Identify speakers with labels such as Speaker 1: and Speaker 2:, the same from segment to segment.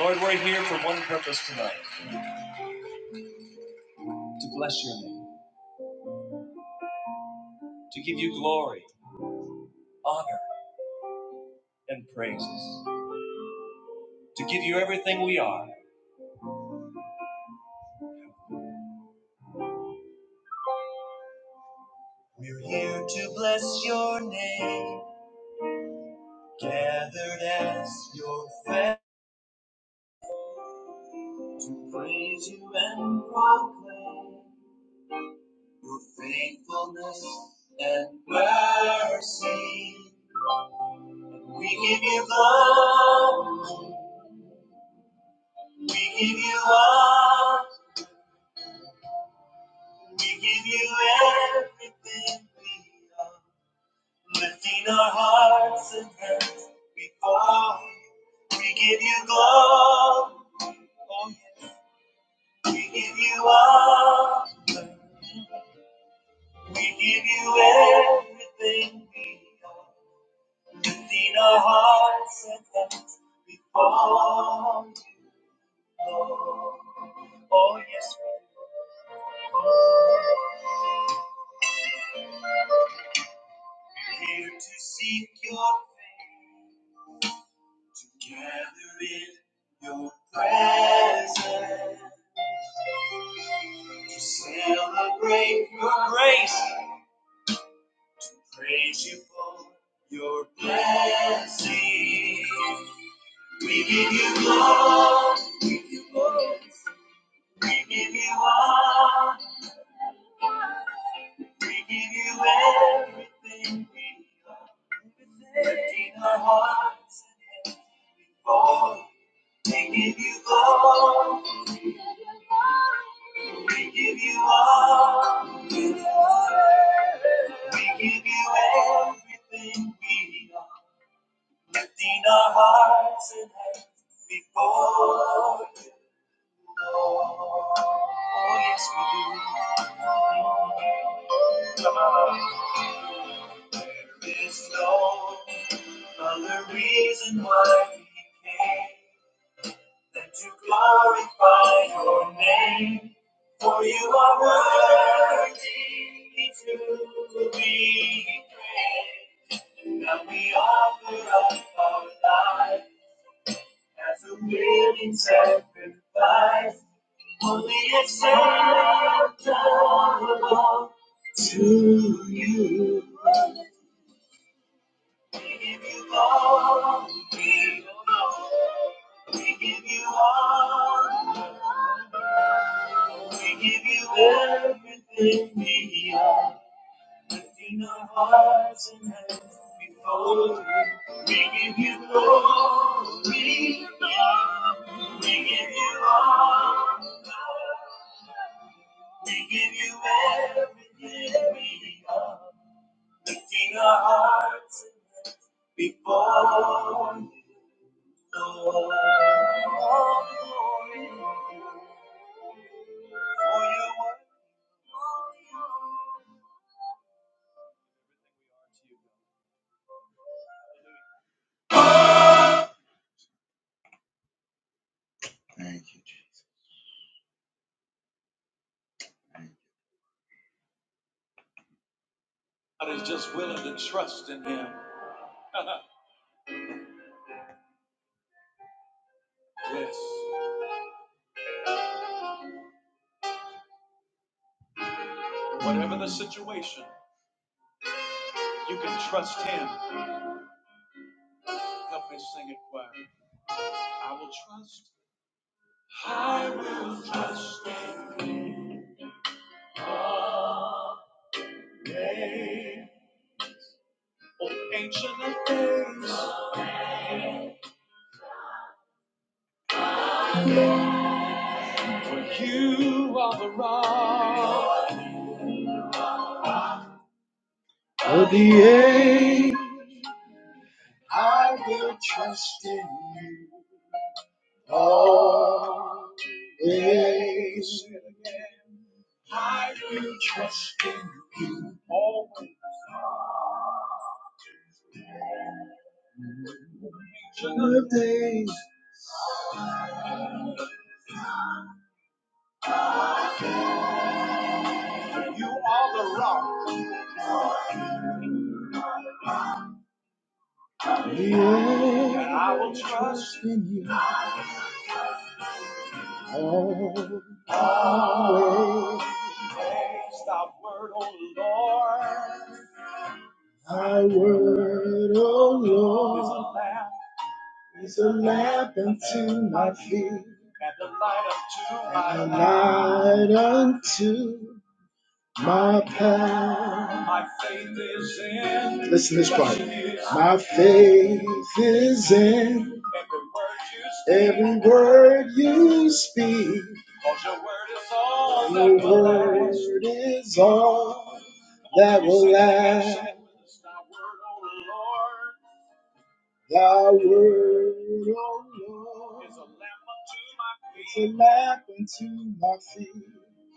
Speaker 1: Lord, we're here for one purpose tonight to bless your name, to give you glory, honor, and praises, to give you everything we are. We're here to bless your name, gathered as your family. Praise you and proclaim your faithfulness and mercy. We give you love. we give you honor, we give you everything we are. Lifting our hearts and hands before you, we give you glory. Oh, yes. We give you honor. We give you everything we are. Lifting our hearts and hands before you, Lord. Oh, yes, we are here to seek your face, to gather in your presence. to celebrate your grace, to praise you for your blessing. We give you glory, we give you glory, we give you honor, we give you everything we are. Lifting our hearts and hands before you, we give you glory. We give you all. We give you all. We give you everything we are. Lifting our hearts and hands before you, Lord. Oh, yes, we do. Come on. There is no other reason why we came and you glorify your name. For you are worthy to be praised. And Now we offer up our life as a willing sacrifice, wholly acceptable to you. We give you all, we give you all, we give you all. We give you everything we are, lifting our hearts and hands before you. We give you glory, Lord. we give you honor, we give you everything we are, lifting our hearts before you. God is just willing to trust in Him. yes. Whatever the situation, you can trust Him. Help me sing it choir. I will trust. I will trust in God. Day. Oh, Ancient of days, for you are All is I will trust in You, all I will trust in thy word, O Lord. Thy word, O Lord, is a lamp, is a lamp unto my feet, and a light unto my and a path. light unto my path. My path. My faith is in. Listen to this part. My faith is in every word you speak. your word Your word is all that will last. Thy word, O Lord, is a lamp unto my feet, is a lamp unto my feet,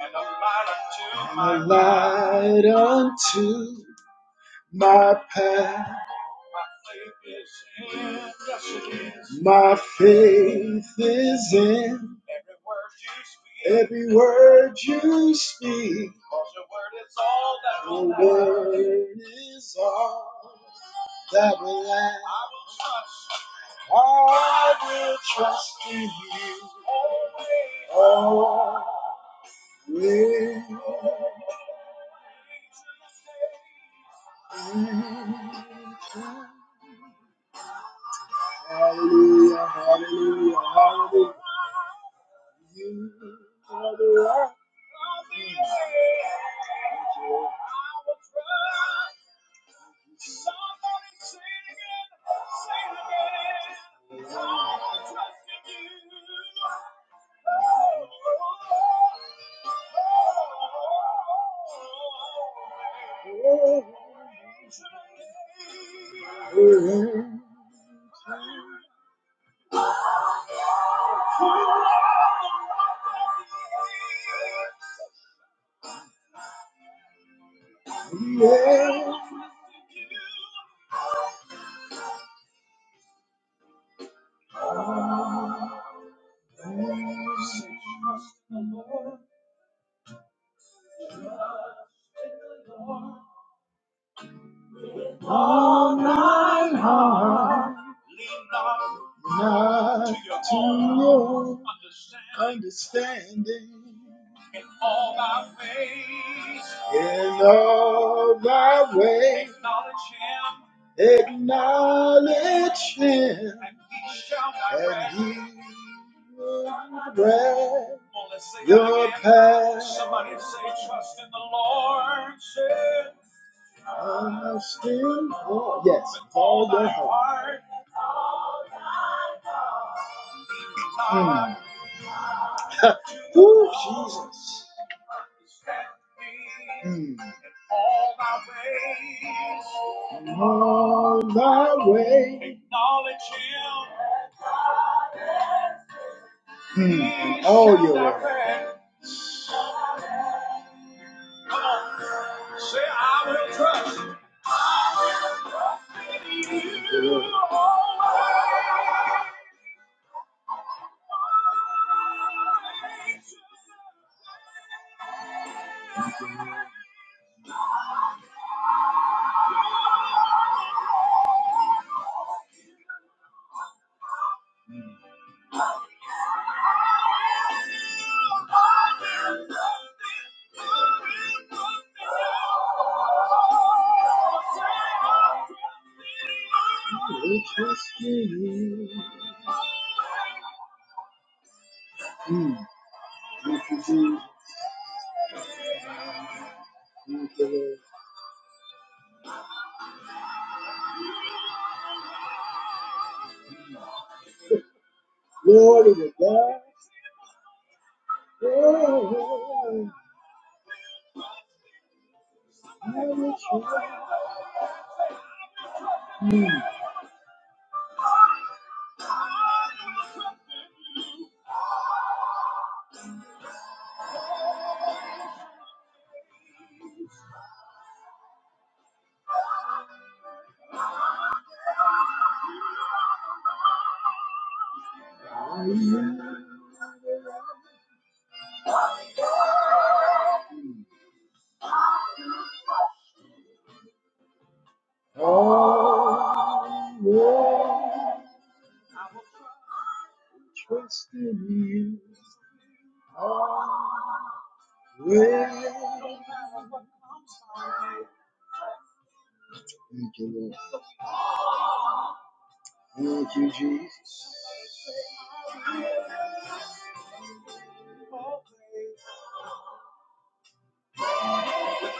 Speaker 1: and a light unto and a my light path. unto my path. My faith is in every word you speak. Your word is all that will last. I will trust in you always. Hallelujah, hallelujah, hallelujah. You are the rock. I will trust in you, Trust in the Lord. all thine heart. Lean not to your understanding. In all thy ways. In all thy ways. Acknowledge him. Acknowledge him. And he shall direct. And he will direct your path. Somebody say, trust in the Lord. Say, Understand? Oh, yes, all your heart. Mm. Ooh, Jesus. Mm. In All thy way. Acknowledge him. Mm. All your way. Say, I will trust. Lord, I will trust you. Mm. Thank you, Jesus. Thank you, Lord. Glory to God. I will Trust in you I will. Thank you, Lord. Thank you, Jesus.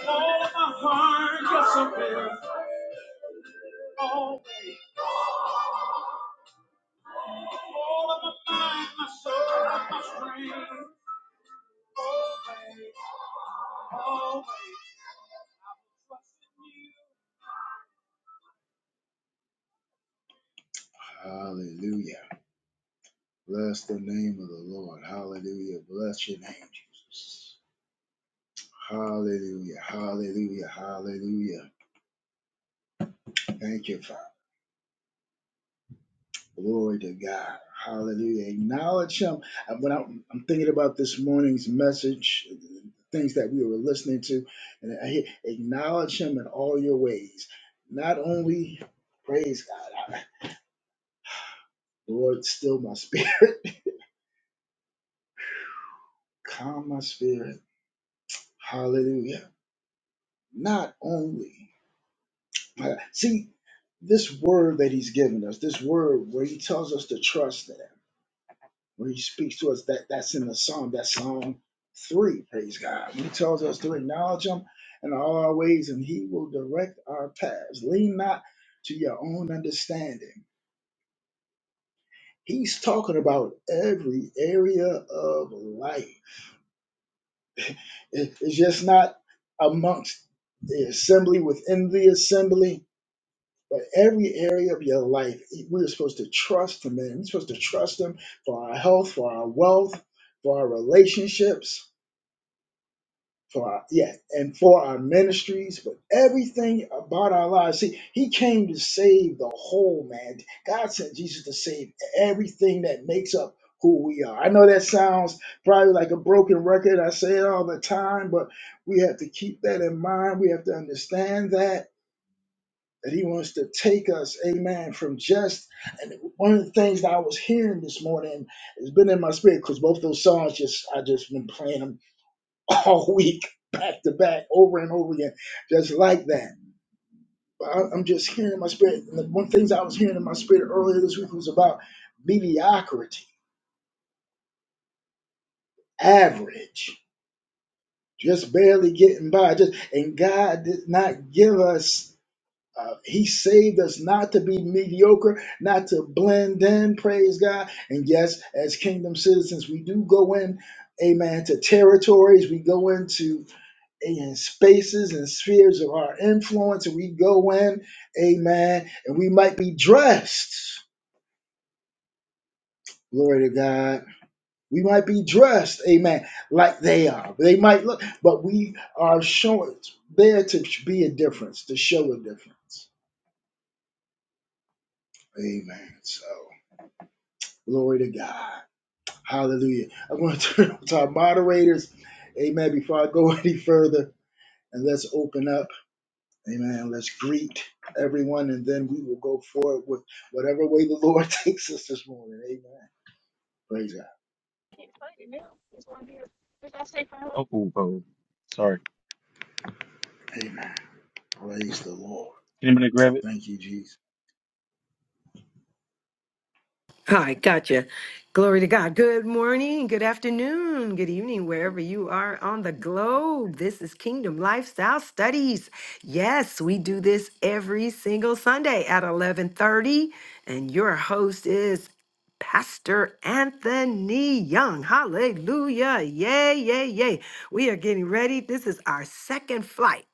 Speaker 1: All of my heart, always. all of my mind, my soul, my strength. Hallelujah. Bless the name of the Lord. Hallelujah. Bless your name, Jesus. Hallelujah. Hallelujah. Hallelujah. Thank you, Father. Glory to God. Hallelujah. Acknowledge Him. Uh, When I'm, I'm thinking about this morning's message, things that we were listening to, and I hear, acknowledge Him in all your ways. Not only praise God. Lord, still my spirit, calm my spirit. Hallelujah. Not only, see, this word that he's given us, this word where he tells us to trust in him, where he speaks to us, that, that's in the psalm, that's Psalm 3, praise God. He tells us to acknowledge him in all our ways, and he will direct our paths. Lean not to your own understanding. He's talking about every area of life It- It's just not amongst the assembly, within the assembly, but every area of your life. We're supposed to trust Him, man. We're supposed to trust Him for our health, for our wealth, for our relationships for our yeah, and for our ministries, but everything about our lives. See, he came to save the whole man. God sent Jesus to save everything that makes up who we are. I know that sounds probably like a broken record. I say it all the time, but we have to keep that in mind. We have to understand that that he wants to take us, amen, from just and one of the things that I was hearing this morning it has been in my spirit because both those songs just I just been playing them all week, back to back, over and over again, just like that. I- I'm just hearing in my spirit. And the one of the things I was hearing in my spirit earlier this week was about mediocrity, average, just barely getting by. Just and God did not give us. Uh, he saved us not to be mediocre, not to blend in. Praise God. And yes, as kingdom citizens, we do go in, amen, to territories. We go into in spaces and spheres of our influence, and we go in, amen, and we might be dressed, glory to God. We might be dressed, amen, like they are. They might look, but we are showing there to be a difference, to show a difference. Amen. So, glory to God. Hallelujah. I'm going to turn to our moderators, amen, before I go any further, and let's open up. Amen. Let's greet everyone and then we will go forward with whatever way the Lord takes us this morning. Amen. Praise
Speaker 2: Oh, oh, oh. sorry.
Speaker 1: God. Amen. Praise the Lord.
Speaker 2: Anybody grab it?
Speaker 1: Thank you, Jesus.
Speaker 3: Hi, gotcha. Glory to God. Good morning, good afternoon, good evening, wherever you are on the globe. This is Kingdom Lifestyle Studies. Yes, we do this every single Sunday at 11:30, and your host is Pastor Anthony Young. Hallelujah. Yay, yay, yay. We are getting ready. This is our second flight.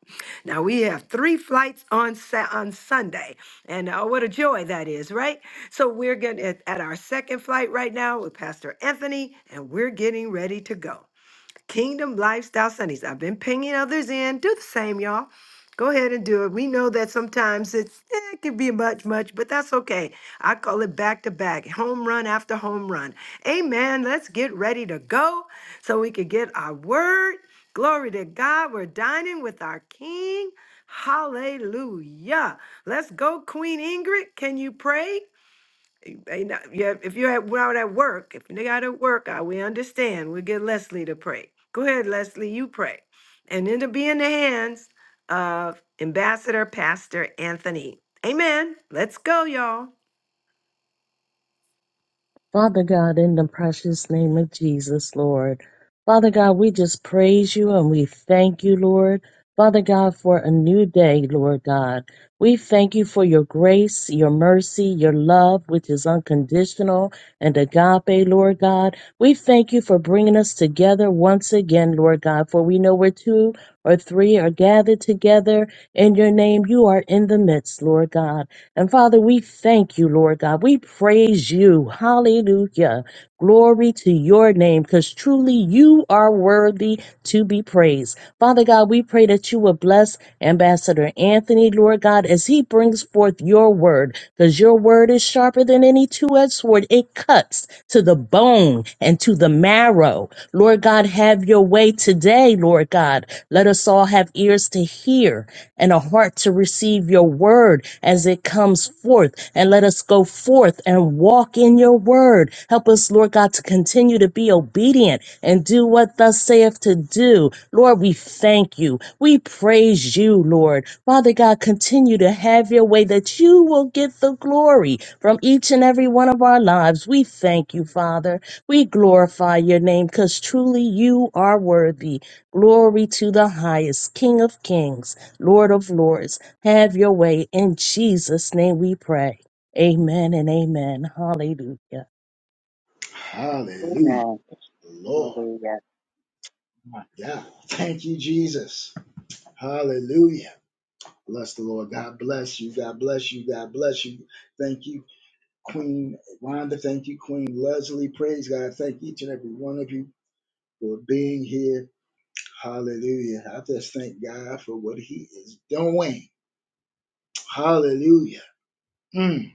Speaker 3: Now we have three flights on Sa- on Sunday. And oh, what a joy that is, right? So we're getting at, at our second flight right now with Pastor Anthony, and we're getting ready to go. Kingdom Lifestyle Sundays. I've been pinging others in. Do the same, y'all. Go ahead and do it. We know that sometimes it's eh, it can be much, much, but that's okay. I call it back to back, home run after home run. Amen. Let's get ready to go so we can get our word. Glory to God. We're dining with our King. Hallelujah. Let's go, Queen Ingrid. Can you pray? They not, yeah, if you're at, we're out at work, if you're out at work, I, we understand. We get Leslie to pray. Go ahead, Leslie, you pray. And it'll be in the hands of Ambassador Pastor Anthony. Amen. Let's go, y'all.
Speaker 4: Father God, in the precious name of Jesus, Lord. Father God, we just praise you and we thank you, Lord. Father God, for a new day, Lord God. We thank you for your grace, your mercy, your love, which is unconditional, and agape, Lord God. We thank you for bringing us together once again, Lord God, for we know where two or three are gathered together in your name. You are in the midst, Lord God. And Father, we thank you, Lord God. We praise you. Hallelujah. Glory to your name, because truly you are worthy to be praised. Father God, we pray that you will bless Ambassador Anthony, Lord God, as he brings forth your word, because your word is sharper than any two edged sword. It cuts to the bone and to the marrow. Lord God, have your way today, Lord God. Let us all have ears to hear and a heart to receive your word as it comes forth. And let us go forth and walk in your word. Help us, Lord God, to continue to be obedient and do what thus saith to do. Lord, we thank you. We praise you, Lord. Father God, continue to have your way that you will get the glory from each and every one of our lives. We thank you, Father. We glorify your name because truly you are worthy. Glory to the highest King of kings. Lord of Lords, have your way. In Jesus' name we pray. Amen and amen. Hallelujah.
Speaker 1: Hallelujah.
Speaker 5: Amen.
Speaker 1: Lord.
Speaker 5: Hallelujah.
Speaker 1: Yeah. Thank you, Jesus. Hallelujah. Bless the Lord. God bless you. God bless you. God bless you. Thank you, Queen Rhonda. Thank you, Queen Leslie. Praise God. Thank each and every one of you for being here. Hallelujah. I just thank God for what He is doing. Hallelujah. Mm.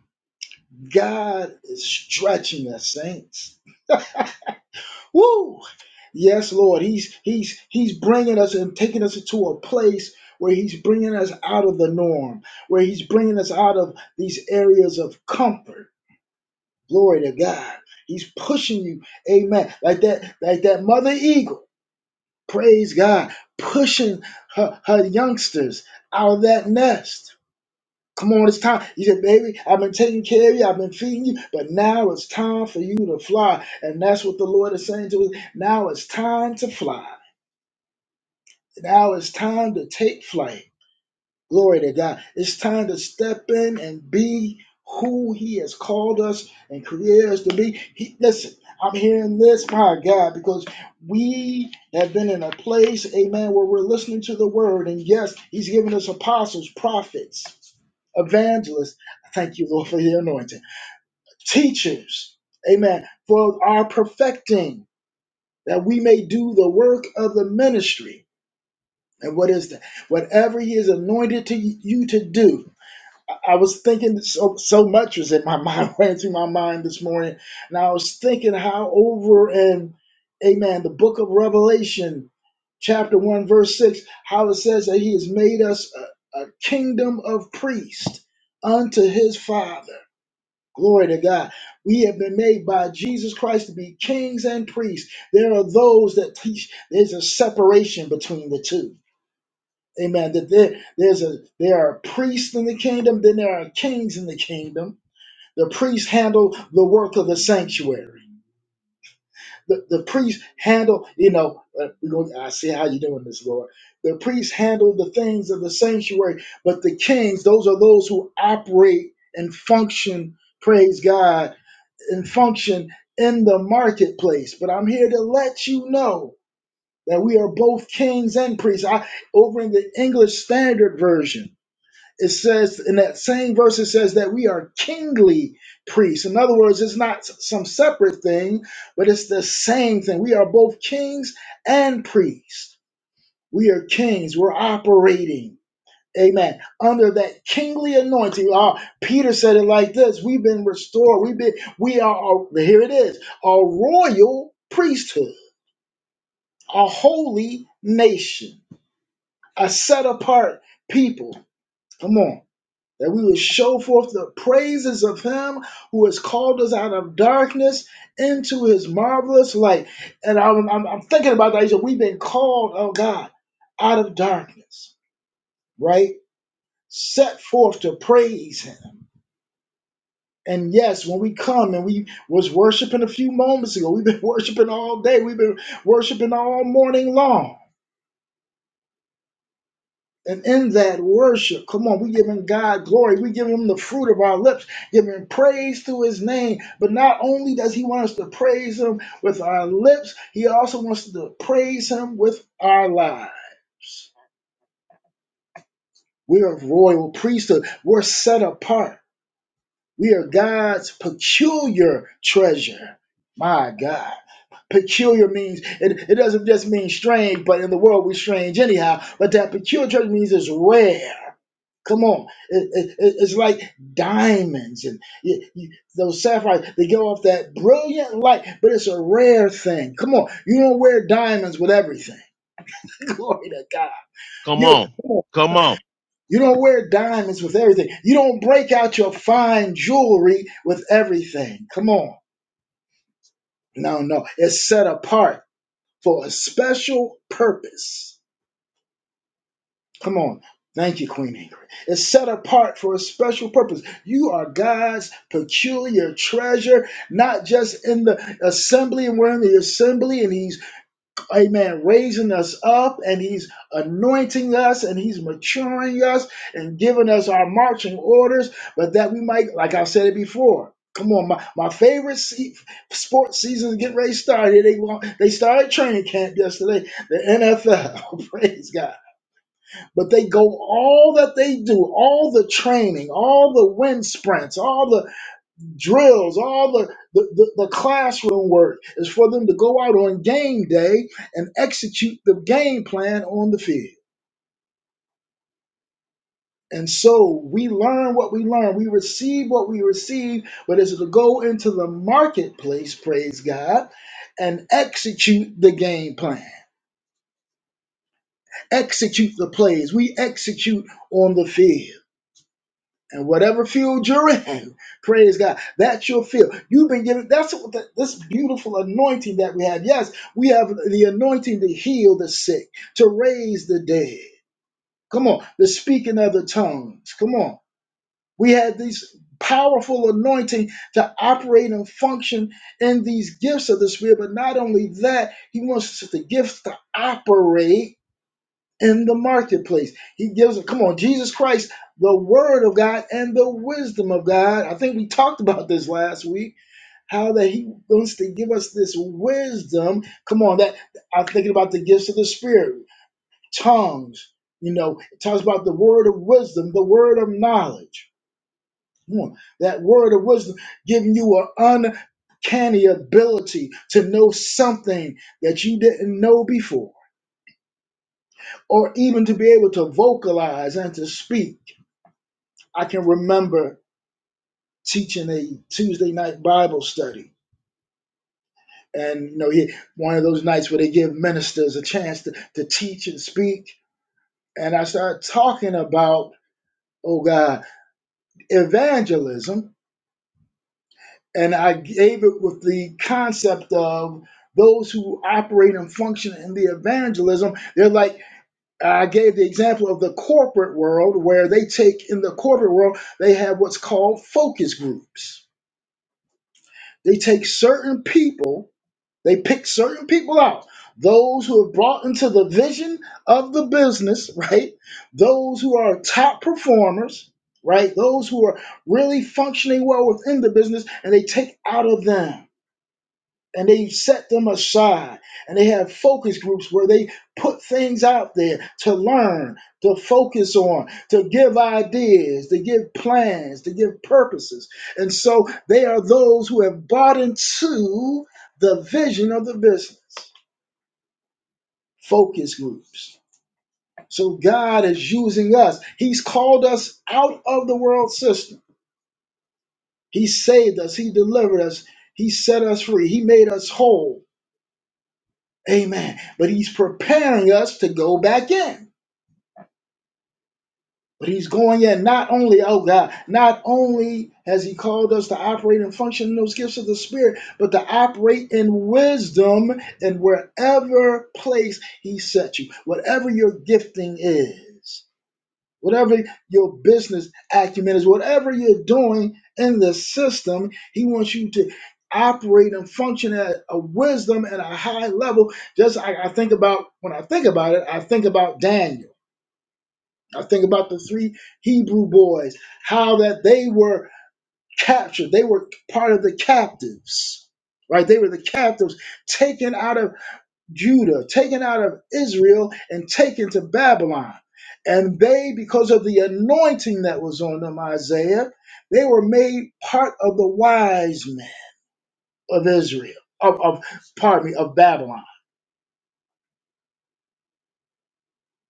Speaker 1: God is stretching us, saints. Woo! Yes, Lord. He's he's he's bringing us and taking us to a place where he's bringing us out of the norm, where he's bringing us out of these areas of comfort. Glory to God. He's pushing you, Amen. Like that, like that mother eagle. Praise God, pushing her, her youngsters out of that nest Come on, it's time. You said, baby, I've been taking care of you, I've been feeding you, but now it's time for you to fly. And that's what the Lord is saying to us. Now it's time to fly. Now it's time to take flight. Glory to God. It's time to step in and be who He has called us and created us to be. He, listen, I'm hearing this, my God, because we have been in a place, amen, where we're listening to the word. And yes, He's given us apostles, prophets, evangelists. Thank you, Lord, for the anointing. Teachers, amen, for our perfecting, that we may do the work of the ministry. And what is that? Whatever He has anointed to you to do. I was thinking so so much was in my mind, ran through my mind this morning, and I was thinking how over in Amen, the book of Revelation, chapter one, verse six, how it says that He has made us a, a kingdom of priests unto His Father. Glory to God. We have been made by Jesus Christ to be kings and priests. There are those that teach there's a separation between the two. Amen. That there, there's a there are priests in the kingdom, then there are kings in the kingdom. The priests handle the work of the sanctuary. The, the priests handle, you know, uh, we go, I see how you are doing this, Lord. The priests handle the things of the sanctuary, but the kings, those are those who operate and function, praise God, and function in the marketplace. But I'm here to let you know that we are both kings and priests. I, over in the English Standard Version it says in that same verse it says that we are kingly priests in other words it's not s- some separate thing but it's the same thing we are both kings and priests we are kings we're operating amen under that kingly anointing Uh, peter said it like this we've been restored we've been we are a- here it is a royal priesthood a holy nation a set apart people come on that we would show forth the praises of him who has called us out of darkness into his marvelous light. And I'm, I'm, I'm thinking about that. He said, We've been called, oh God, out of darkness, right? Set forth to praise him. And yes, when we come and we was worshiping a few moments ago, we've been worshiping all day. We've been worshiping all morning long And in that worship, come on, we giving God glory. We giving him the fruit of our lips, giving praise to his name. But not only does he want us to praise him with our lips, he also wants us to praise him with our lives. We are royal priesthood. We're set apart. We are God's peculiar treasure. My God. Peculiar means it, it doesn't just mean strange, but in the world we're strange anyhow. But that peculiar treasure means it's rare. Come on, It- it- it- it's like diamonds and you- you- those sapphires. They give off that brilliant light, but it's a rare thing. Come on, you don't wear diamonds with everything. Glory to God.
Speaker 6: Come
Speaker 1: You
Speaker 6: on.
Speaker 1: come on,
Speaker 6: Come on.
Speaker 1: you don't wear diamonds with everything. You don't break out your fine jewelry with everything. Come on, no, no, it's set apart for a special purpose. Come on. Thank you, Queen Ingrid. It's set apart for a special purpose. You are God's peculiar treasure, not just in the assembly, and we're in the assembly, and He's, amen, raising us up, and He's anointing us, and He's maturing us, and giving us our marching orders, but that we might, like I've said it before, Come on, my, my favorite se- sports season is getting ready to start. Here they want they started training camp yesterday. The NFL, praise God. But they go all that they do, all the training, all the wind sprints, all the drills, all the, the, the, the classroom work is for them to go out on game day and execute the game plan on the field. And so we learn what we learn, we receive what we receive, but it's to go into the marketplace, praise God, and execute the game plan, execute the plays. We execute on the field. and whatever field you're in, praise God, that's your field. You've been given that's what the, this beautiful anointing that we have. Yes, we have the anointing to heal the sick, to raise the dead. Come on, the speaking of the tongues. Come on, we have these powerful anointing to operate and function in these gifts of the spirit. But not only that, He wants us the gifts to operate in the marketplace. He gives, come on, Jesus Christ, the Word of God and the wisdom of God. I think we talked about this last week, how that He wants to give us this wisdom. Come on, that I'm thinking about the gifts of the Spirit, tongues. You know, it talks about the word of wisdom, the word of knowledge. Come on, that word of wisdom giving you an uncanny ability to know something that you didn't know before, or even to be able to vocalize and to speak I can remember teaching a Tuesday night Bible study. And you know, he, one of those nights where they give ministers a chance to, to teach and speak. And I started talking about, oh God, evangelism. And I gave it with the concept of those who operate and function in the evangelism. They're like, I gave the example of the corporate world where they take, in the corporate world, they have what's called focus groups. They take certain people They pick certain people out. Those who are brought into the vision of the business, right? Those who are top performers, right? Those who are really functioning well within the business, and they take out of them and they set them aside and they have focus groups where they put things out there to learn to focus on to give ideas to give plans to give purposes and so they are those who have bought into the vision of the business focus groups so god is using us he's called us out of the world system he saved us he delivered us he set us free he made us whole Amen. But he's preparing us to go back in. But he's going in not only, oh God, not only has he called us to operate and function in those gifts of the Spirit, but to operate in wisdom in wherever place he set you, whatever your gifting is whatever your business acumen is, whatever you're doing in the system, he wants you to operate and function at a wisdom and a high level. Just I, I think about when I think about it, I think about Daniel. I think about the three Hebrew boys, how that they were captured. They were part of the captives, right? They were the captives taken out of Judah, taken out of Israel and taken to Babylon. And they, because of the anointing that was on them, Isaiah, they were made part of the wise men of Israel, of, of pardon me, of Babylon.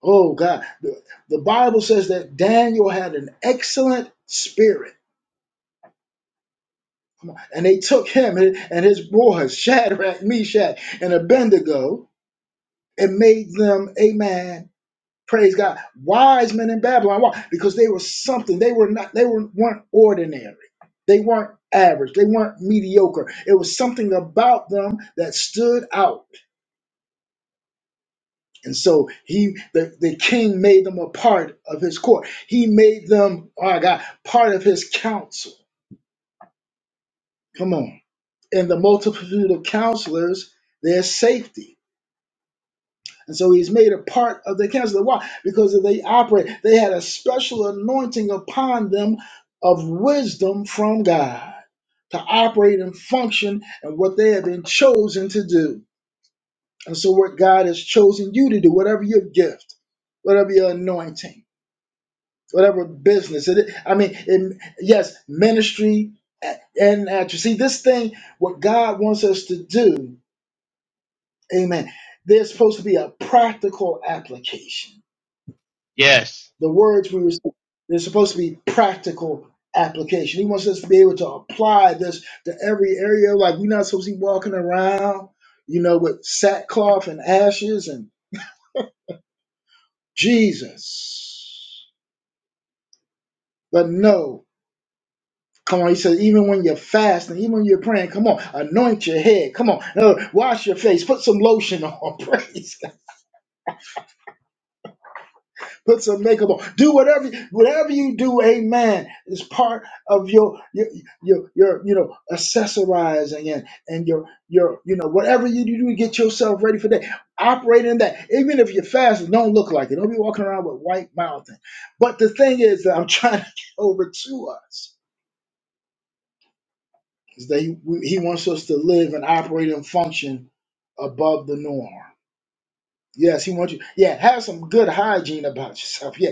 Speaker 1: Oh God. The, the Bible says that Daniel had an excellent spirit. Come on. And they took him and and his boys, Shadrach, Meshach, and Abednego, and made them, amen Praise God. Wise men in Babylon. Why? Because they were something. They were not, they were, weren't ordinary. They weren't average. They weren't mediocre. It was something about them that stood out. And so he the, the king made them a part of his court. He made them, oh my God, part of his council. Come on. In the multitude of counselors, there's safety. And so he's made a part of the council. Why? Because they operate, they had a special anointing upon them of wisdom from God to operate and function and what they have been chosen to do. And so what God has chosen you to do, whatever your gift, whatever your anointing, whatever business it is. I mean, it, yes, ministry and actor. See, this thing, what God wants us to do, amen, there's supposed to be a practical application
Speaker 6: Yes.
Speaker 1: the words we were they're supposed to be practical application. He wants us to be able to apply this to every area. Like we're not supposed to be walking around, you know, with sackcloth and ashes and Jesus. But no, come on. He says even when you're fasting, even when you're praying, come on, anoint your head. Come on, no, wash your face, put some lotion on. Praise God. Put some makeup on. Do whatever whatever you do, amen, is part of your your your, your you know accessorizing and, and your your you know whatever you do to get yourself ready for that. Operate in that. Even if you're fasting, don't look like it. Don't be walking around with white mouth. But the thing is that I'm trying to get over to us is that he, he wants us to live and operate and function above the norm. Yes, he wants you. Yeah, have some good hygiene about yourself. Yeah,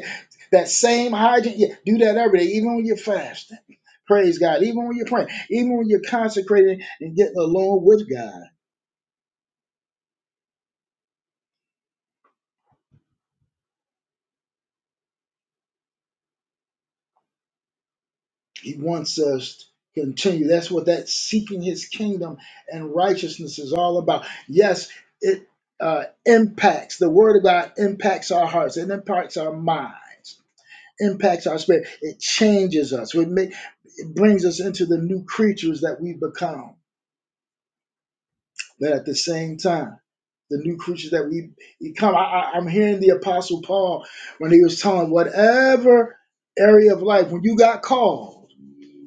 Speaker 1: that same hygiene. Yeah, do that every day, even when you're fasting. Praise God. Even when you're praying, even when you're consecrating and getting along with God, He wants us to continue. That's what that seeking His kingdom and righteousness is all about. Yes, it uh, impacts the Word of God impacts our hearts. It impacts our minds. Impacts our spirit. It changes us. It, ma- it brings us into the new creatures that we become But at the same time, the new creatures that we become, I, I, I'm hearing the Apostle Paul when he was telling whatever area of life, when you got called,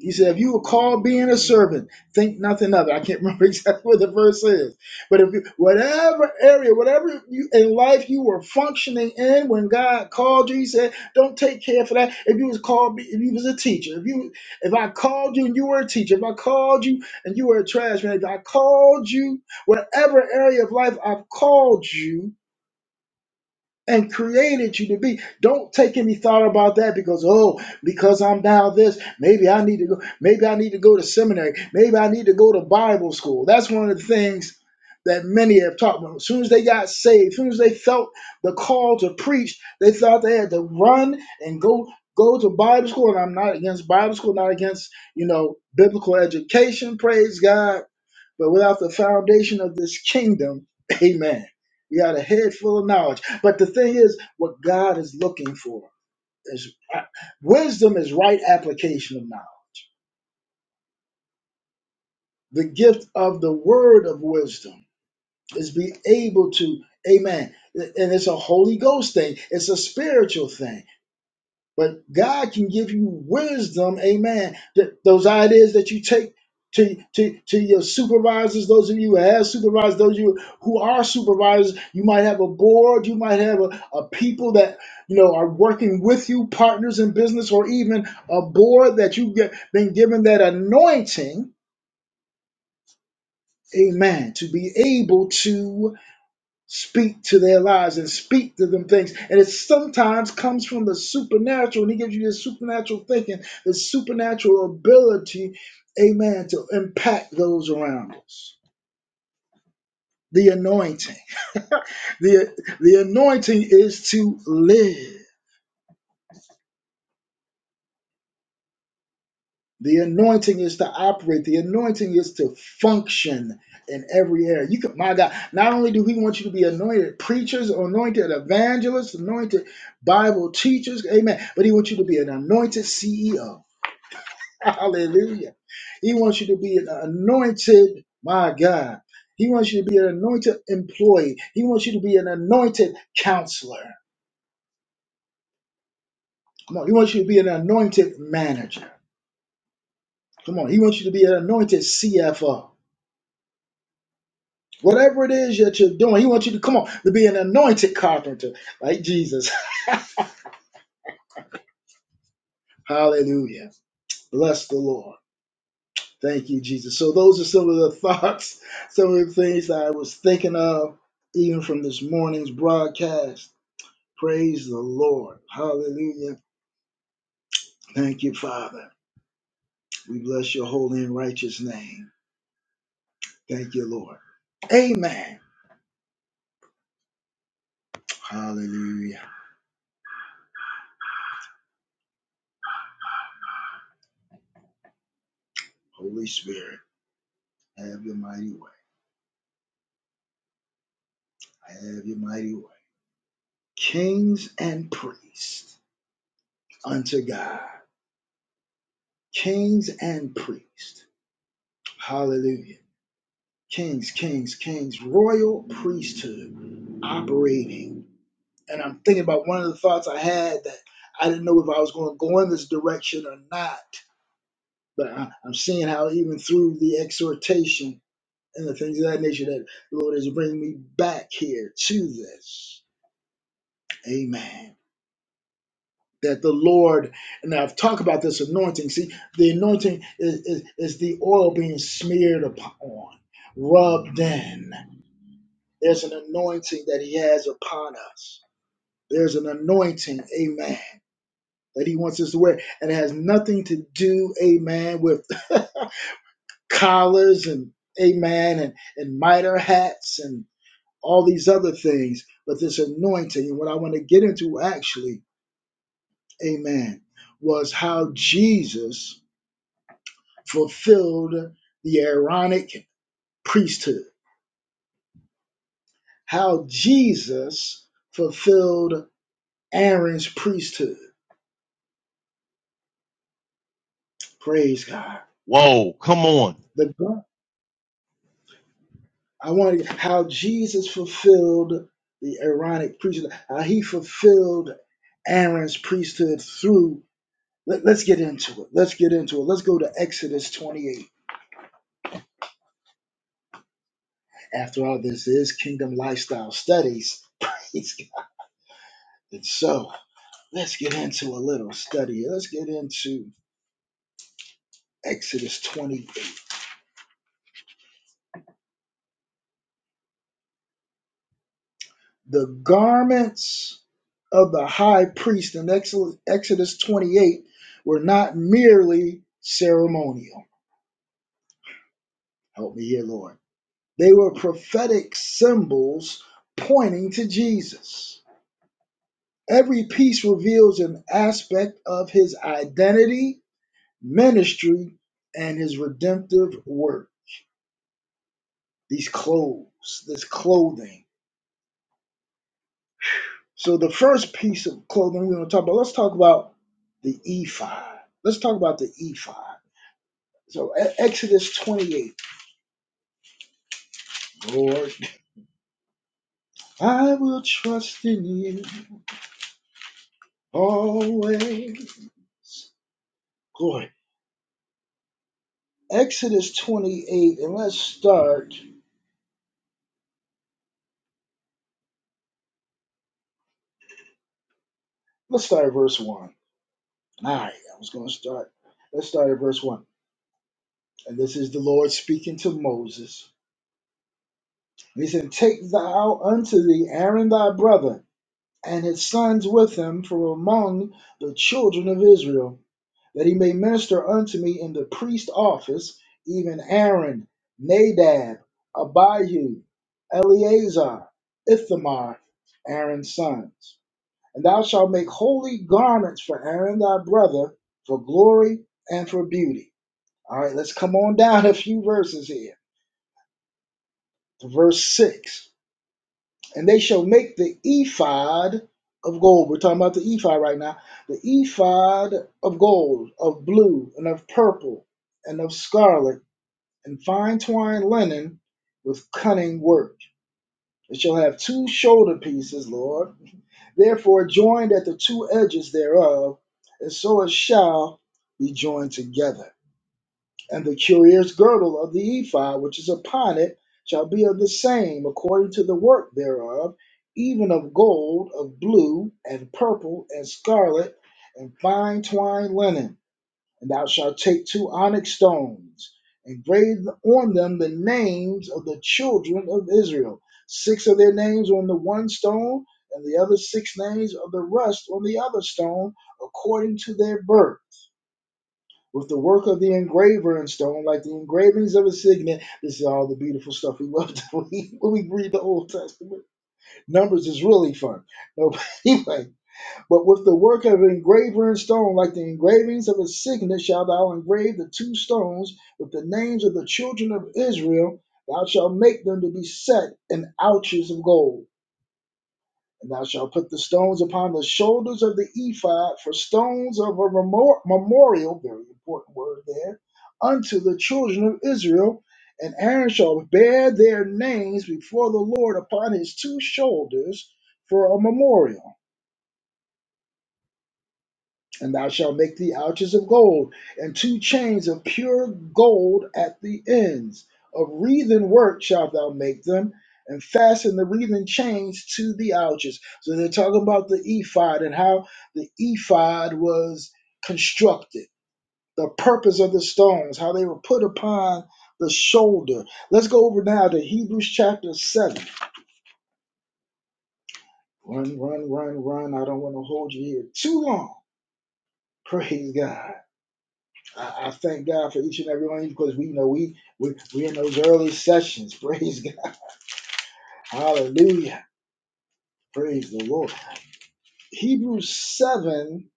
Speaker 1: he said, if you were called being a servant, think nothing of it. I can't remember exactly what the verse is. But if you, whatever area, whatever you in life you were functioning in when God called you, he said, don't take care for that. If you was called, be- if you was a teacher, if you, if I called you and you were a teacher, if I called you and you were a trash man, if I called you, whatever area of life I've called you, and created you to be. Don't take any thought about that because oh, because I'm now this, maybe I need to go, maybe I need to go to seminary, maybe I need to go to Bible school. That's one of the things that many have taught them. As soon as they got saved, as soon as they felt the call to preach, they thought they had to run and go go to Bible school. And I'm not against Bible school, not against, you know, biblical education, praise God but without the foundation of this kingdom, amen. We got a head full of knowledge. But the thing is, what God is looking for is wisdom is right application of knowledge. The gift of the word of wisdom is be able to, amen. And it's a Holy Ghost thing, it's a spiritual thing But God can give you wisdom, amen. Th- those ideas that you take to, to, to your supervisors, those of you who have supervisors, those of you who are supervisors, you might have a board, you might have a, a people that you know are working with you, partners in business, or even a board that you've get- been given that anointing, amen, to be able to speak to their lives and speak to them things. And it sometimes comes from the supernatural, and he gives you this supernatural thinking, this supernatural ability, amen, to impact those around us. The anointing. The, the anointing is to live. The anointing is to operate. The anointing is to function in every area. You can, my God, not only do we want you to be anointed preachers, anointed evangelists, anointed Bible teachers, amen, but he wants you to be an anointed CEO. Hallelujah. He wants you to be an anointed, my God. He wants you to be an anointed employee. He wants you to be an anointed counselor. Come on, he wants you to be an anointed manager. Come on, he wants you to be an anointed CFO. Whatever it is that you're doing, he wants you to come on to be an anointed carpenter like Jesus. Hallelujah. Bless the Lord. Thank you, Jesus. So those are some of the thoughts, some of the things that I was thinking of, even from this morning's broadcast. Praise the Lord. Hallelujah. Thank you, Father. We bless your holy and righteous name. Thank you, Lord. Amen. Hallelujah. Holy Spirit, have your mighty way. Have your mighty way. Kings and priests. unto God. Kings and priests. Hallelujah. Kings, kings, kings. Royal priesthood operating. And I'm thinking about one of the thoughts I had that I didn't know if I was going to go in this direction or not. But I- I'm seeing how even through the exhortation and the things of that nature that the Lord is bringing me back here to this. Amen. that the Lord, and I've talked about this anointing. See, the anointing is, is, is the oil being smeared upon, rubbed in. There's an anointing that He has upon us. There's an anointing, amen, that He wants us to wear. And it has nothing to do, amen, with collars and, amen, and, and mitre hats and all these other things. But this anointing, and what I want to get into actually, amen, was how Jesus fulfilled the Aaronic priesthood, how Jesus fulfilled Aaron's priesthood. Praise God.
Speaker 6: Whoa. Come on.
Speaker 1: The God- I want to, how Jesus fulfilled the Aaronic priesthood, how he fulfilled Aaron's priesthood through. Let, let's get into it. Let's get into it. Let's go to Exodus 28. After all, this is Kingdom Lifestyle Studies. It's, and so let's get into a little study. Let's get into Exodus 28. The garments of the high priest in Exodus 28 were not merely ceremonial. Help me here, Lord. They were prophetic symbols pointing to Jesus. Every piece reveals an aspect of his identity, ministry, and his redemptive work. These clothes, this clothing So the first piece of clothing we're going to talk about, let's talk about the ephod. Let's talk about the ephod. So E- Exodus 28, Lord, I will trust in you always. Go ahead. Exodus 28, and let's start, let's start at verse 1. All right, I was going to start, let's start at verse 1. And this is the Lord speaking to Moses. And he said, Take thou unto thee Aaron thy brother, and his sons with him from among the children of Israel, that he may minister unto me in the priest office, even Aaron, Nadab, Abihu, Eleazar, Ithamar, Aaron's sons. And thou shalt make holy garments for Aaron thy brother, for glory and for beauty. All right, let's come on down a few verses here to verse 6. and they shall make the ephod of gold. We're talking about the ephod right now. The ephod of gold, of blue, and of purple, and of scarlet, and fine twined linen with cunning work. It shall have two shoulder pieces, Lord, therefore joined at the two edges thereof, and so it shall be joined together and the curious girdle of the ephod which is upon it shall be of the same according to the work thereof, even of gold, of blue, and purple, and scarlet, and fine twined linen. And thou shalt take two onyx stones, and grave on them the names of the children of Israel, six of their names on the one stone, and the other six names of the rest on the other stone, according to their birth with the work of the engraver in stone, like the engravings of a signet. This is all the beautiful stuff we love to read when we read the Old Testament. Numbers is really fun. No, anyway, but with the work of an engraver in stone, like the engravings of a signet, shalt thou engrave the two stones with the names of the children of Israel. Thou shalt make them to be set in ouches of gold. And thou shalt put the stones upon the shoulders of the ephod for stones of a memorial, very important word there, unto the children of Israel. And Aaron shall bear their names before the Lord upon his two shoulders for a memorial. And thou shalt make thee ouches of gold, and two chains of pure gold at the ends. Of wreathen work shalt thou make them, and fasten the wreathen chains to the ouches. So they're talking about the ephod and how the ephod was constructed, the purpose of the stones, how they were put upon the shoulder. Let's go over now to Hebrews chapter 7. Run, run, run, run. I don't want to hold you here too long. Praise God. I, I thank God for each and every one of you because we you know we we we in those early sessions. Praise God. Hallelujah. Praise the Lord. Hebrews seven.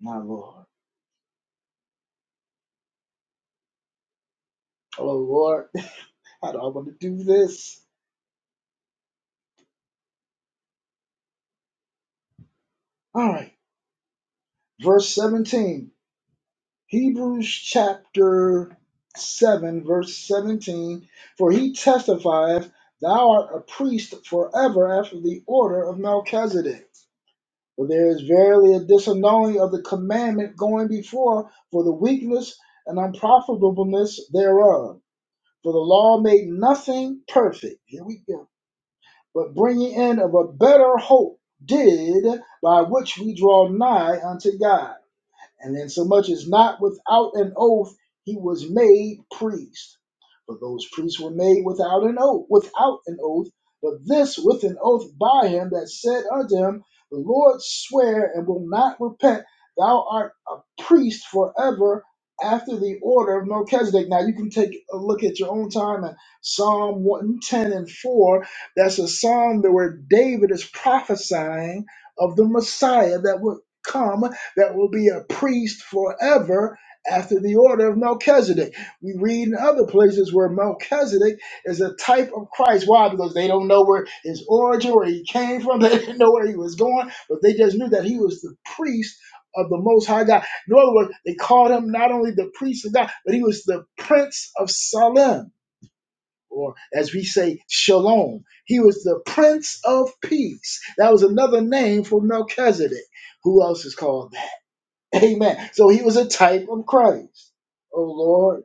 Speaker 1: My Lord. Oh Lord, how do I want to do this? All right. Verse seventeen. Hebrews chapter seven, verse seventeen. For he testifieth, Thou art a priest forever after the order of Melchizedek. For there is verily a disannulling of the commandment going before for the weakness and unprofitableness thereof. For the law made nothing perfect. Here we go. But bringing in of a better hope did, by which we draw nigh unto God and insomuch as not without an oath he was made priest. For those priests were made without an oath, without an oath, but this with an oath by him that said unto him, The Lord swear and will not repent, thou art a priest forever after the order of Melchizedek. Now you can take a look at your own time at Psalm 110 and 4. That's a psalm that where David is prophesying of the Messiah that would come that will be a priest forever after the order of Melchizedek. We read in other places where Melchizedek is a type of Christ. Why? Because they don't know where his origin, where he came from, they didn't know where he was going, but they just knew that he was the priest of the Most High God. In other words, they called him not only the priest of God, but he was the Prince of Salem. Or, as we say, Shalom. He was the Prince of Peace. That was another name for Melchizedek. Who else is called that? Amen. So he was a type of Christ. Oh Lord.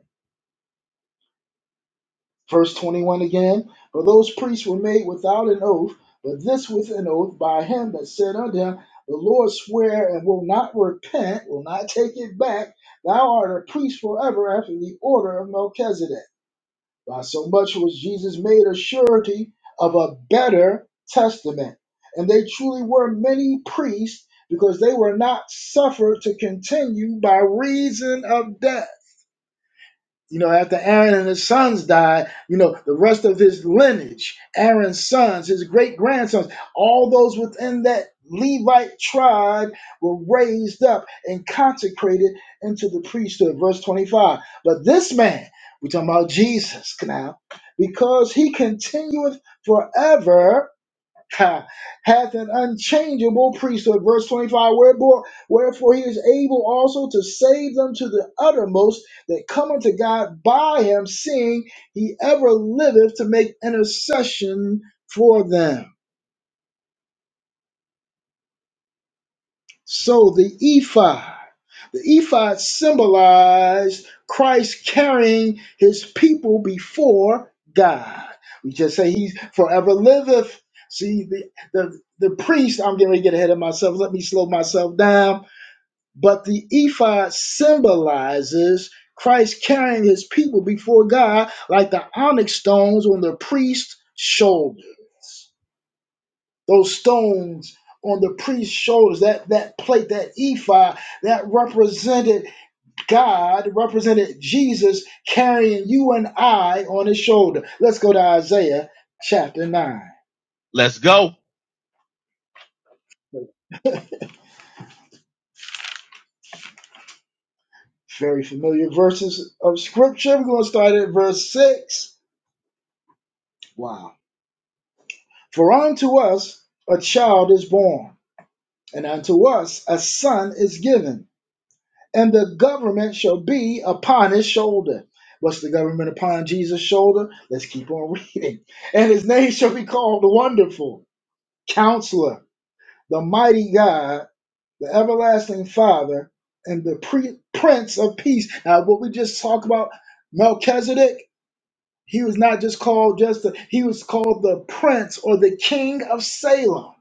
Speaker 1: Verse 21 again. For those priests were made without an oath, but this with an oath by him that said unto him, The Lord swear and will not repent, will not take it back. Thou art a priest forever after the order of Melchizedek. By so much was Jesus made a surety of a better testament. And they truly were many priests because they were not suffered to continue by reason of death. You know, after Aaron and his sons died, you know, the rest of his lineage, Aaron's sons, his great grandsons, all those within that Levite tribe were raised up and consecrated into the priesthood. Verse 25. But this man, we're talking about Jesus now, because he continueth forever ha, hath an unchangeable priesthood. Verse 25, wherefore, wherefore he is able also to save them to the uttermost that come unto God by him, seeing he ever liveth to make intercession for them. So the ephod, the ephod symbolized Christ carrying his people before God. We just say he forever liveth. See, the, the, the priest, I'm getting ready to get ahead of myself. Let me slow myself down. But the ephod symbolizes Christ carrying his people before God like the onyx stones on the priest's shoulder those stones on the priest's shoulders, that, that plate, that ephod, that represented God, represented Jesus carrying you and I on his shoulder. Let's go to Isaiah chapter 9.
Speaker 6: Let's go.
Speaker 1: Very familiar verses of scripture. We're going to start at verse 6. Wow. For unto us a child is born, and unto us a son is given and the government shall be upon his shoulder. What's the government upon Jesus' shoulder? Let's keep on reading. And his name shall be called the Wonderful, Counselor, the Mighty God, the Everlasting Father, and the Pre- Prince of Peace. Now, what we just talked about, Melchizedek, he was not just called just the, he was called the Prince or the King of Salem.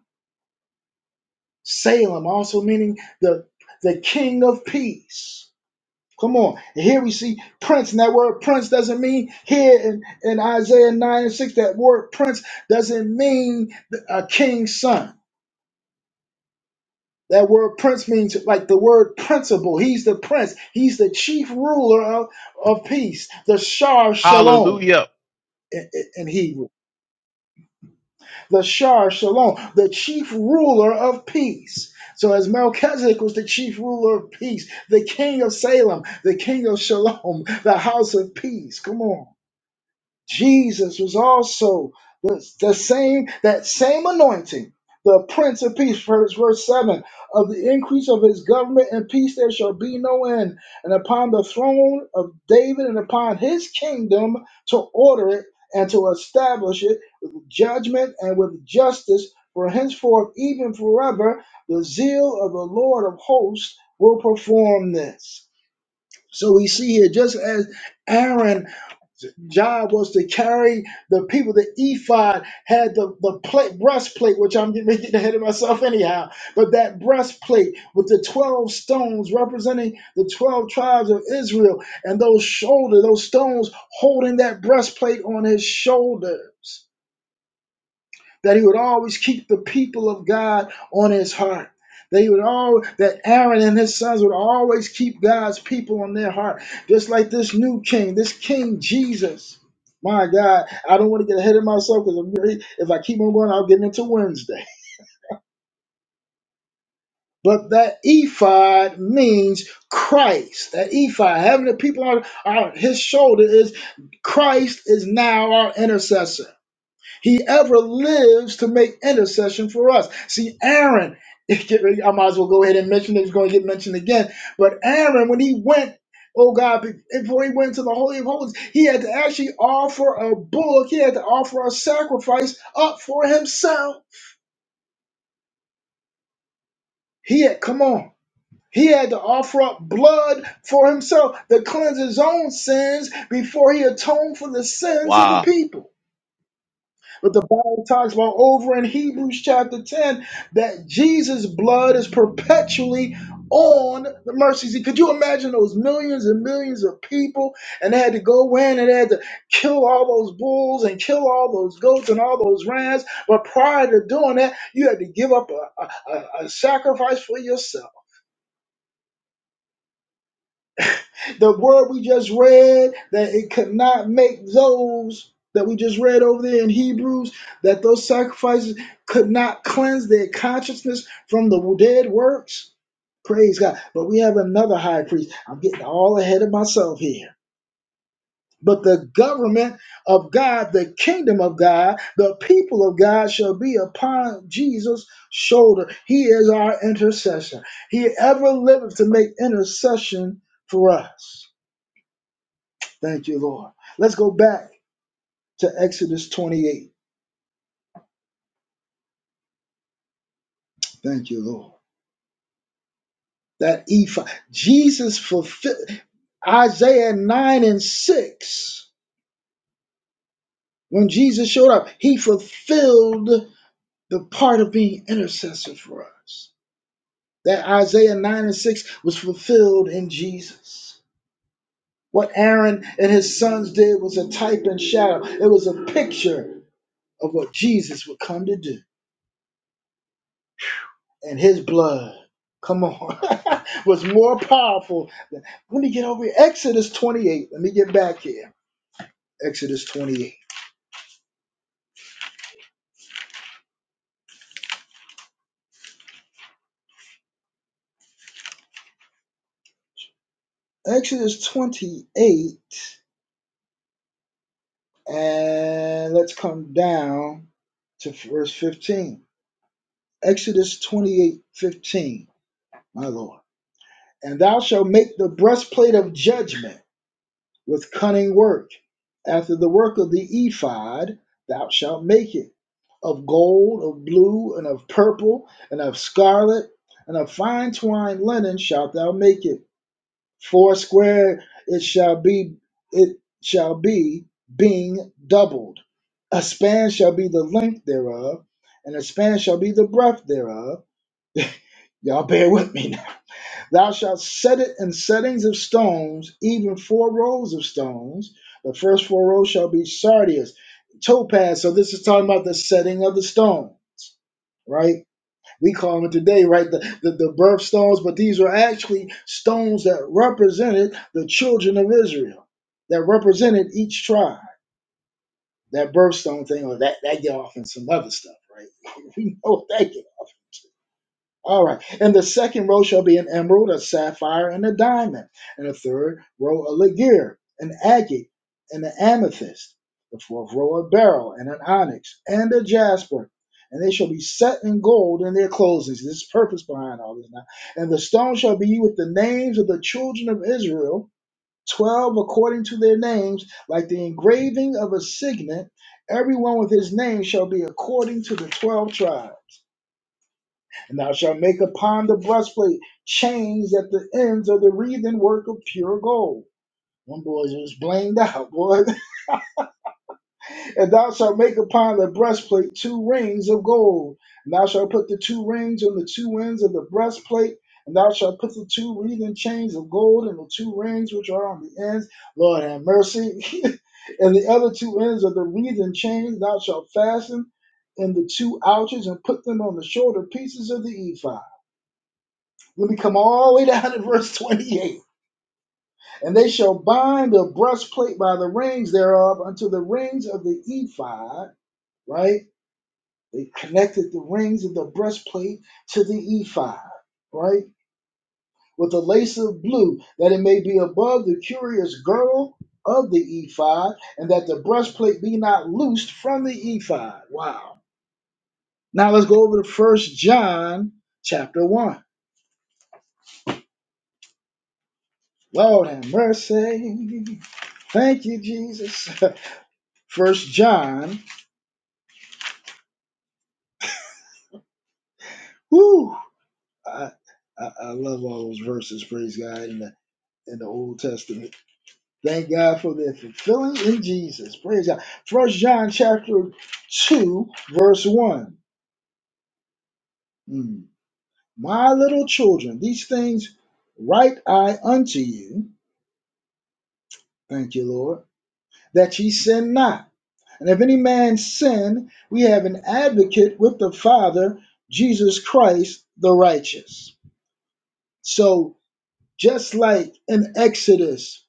Speaker 1: Salem also meaning the the King of Peace. Come on. And here we see prince. And that word prince doesn't mean here in, in Isaiah 9 and 6, that word prince doesn't mean a king's son. That word prince means like the word principal. He's the prince. He's the chief ruler of, of peace. The Shar Shalom
Speaker 6: Hallelujah.
Speaker 1: in, in Hebrew. The Shar Shalom, the chief ruler of peace. So as Melchizedek was the chief ruler of peace, the king of Salem, the king of Shalom, the house of peace. Come on. Jesus was also the, the same, that same anointing, the Prince of Peace, verse, verse 7 of the increase of his government and peace there shall be no end, and upon the throne of David and upon his kingdom to order it and to establish it with judgment and with justice for henceforth, even forever. The zeal of the Lord of hosts will perform this. So we see here, just as Aaron job was to carry the people. The ephod had the, the plate, breastplate, which I'm getting getting ahead of myself anyhow, but that breastplate with the 12 stones representing the 12 tribes of Israel and those shoulder, those stones holding that breastplate on his shoulders that he would always keep the people of God on his heart. That he would all that Aaron and his sons would always keep God's people on their heart, just like this new king, this King Jesus. My God, I don't want to get ahead of myself because if I keep on going, I'll get into Wednesday. But that ephod means Christ. That ephod, having the people on, on his shoulder, is Christ is now our intercessor. He ever lives to make intercession for us. See, Aaron, I might as well go ahead and mention it. It's going to get mentioned again. But Aaron, when he went, oh God, before he went to the Holy of Holies, he had to actually offer a bullock. He had to offer a sacrifice up for himself. He had, come on. He had to offer up blood for himself to cleanse his own sins before he atoned for the sins of the
Speaker 6: Wow.
Speaker 1: people. But the Bible talks about over in Hebrews chapter 10 that Jesus' blood is perpetually on the mercy seat. Could you imagine those millions and millions of people and they had to go in and they had to kill all those bulls and kill all those goats and all those rams? But prior to doing that, you had to give up a, a, a a sacrifice for yourself. The word we just read, that it could not make those that we just read over there in Hebrews, that those sacrifices could not cleanse their consciousness from the dead works. Praise God. But we have another high priest. I'm getting all ahead of myself here. But the government of God, the kingdom of God, the people of God shall be upon Jesus' shoulder. He is our intercessor. He ever liveth to make intercession for us. Thank you, Lord. Let's go back to Exodus 28. Thank you, Lord. That ephod. Jesus fulfilled Isaiah 9 and 6. When Jesus showed up, he fulfilled the part of being intercessor for us. That Isaiah 9 and 6 was fulfilled in Jesus. What Aaron and his sons did was a type and shadow, it was a picture of what Jesus would come to do. and his blood, come on, was more powerful. Than, let me get over here. Exodus 28. Let me get back here. Exodus 28. Exodus 28, and let's come down to verse 15. Exodus 28, 15. my Lord. And thou shalt make the breastplate of judgment with cunning work. After the work of the ephod, thou shalt make it. of gold, of blue, and of purple, and of scarlet, and of fine twined linen shalt thou make it. Foursquare it shall be, it shall be, being doubled. A span shall be the length thereof, and a span shall be the breadth thereof. Y'all bear with me now. Thou shalt set it in settings of stones, even four rows of stones. The first four rows shall be sardius, topaz. So this is talking about the setting of the stone, right? we call them today, right, the, the, the birth but these were actually stones that represented the children of Israel, that represented each tribe. That birthstone thing, or that, that get off in some other stuff, right? we know what that get. All right. And the second row shall be an emerald, a sapphire, and a diamond. And the third row a ligure, an agate, and an amethyst. The fourth row a beryl, and an onyx, and a jasper. And they shall be set in gold in their closings. This is purpose behind all this now. And the stone shall be with the names of the children of Israel, twelve according to their names, like the engraving of a signet. Everyone with his name shall be according to the twelve tribes. And thou shalt make upon the breastplate chains at the ends of the wreathen work of pure gold. One boy just blamed out, boy. And thou shalt make upon the breastplate two rings of gold. And thou shalt put the two rings on the two ends of the breastplate. And thou shalt put the two wreathen chains of gold and the two rings which are on the ends. Lord have mercy. and the other two ends of the wreathen chains thou shalt fasten in the two ouches and put them on the shoulder pieces of the ephod. Let me come all the way down to verse 28. And they shall bind the breastplate by the rings thereof unto the rings of the ephod, right? They connected the rings of the breastplate to the ephod, right? With a lace of blue, that it may be above the curious girdle of the ephod, and that the breastplate be not loosed from the ephod. Wow. Now let's go over to First John chapter 1. Lord have mercy. Thank you, Jesus. First John. Whew, I, I I love all those verses. Praise God in the in the Old Testament. Thank God for their fulfilling in Jesus. Praise God. First John chapter two verse one. Mm. My little children, these things write I unto you. Thank you, Lord, that ye sin not. And if any man sin, we have an advocate with the Father, Jesus Christ the righteous. So just like in Exodus,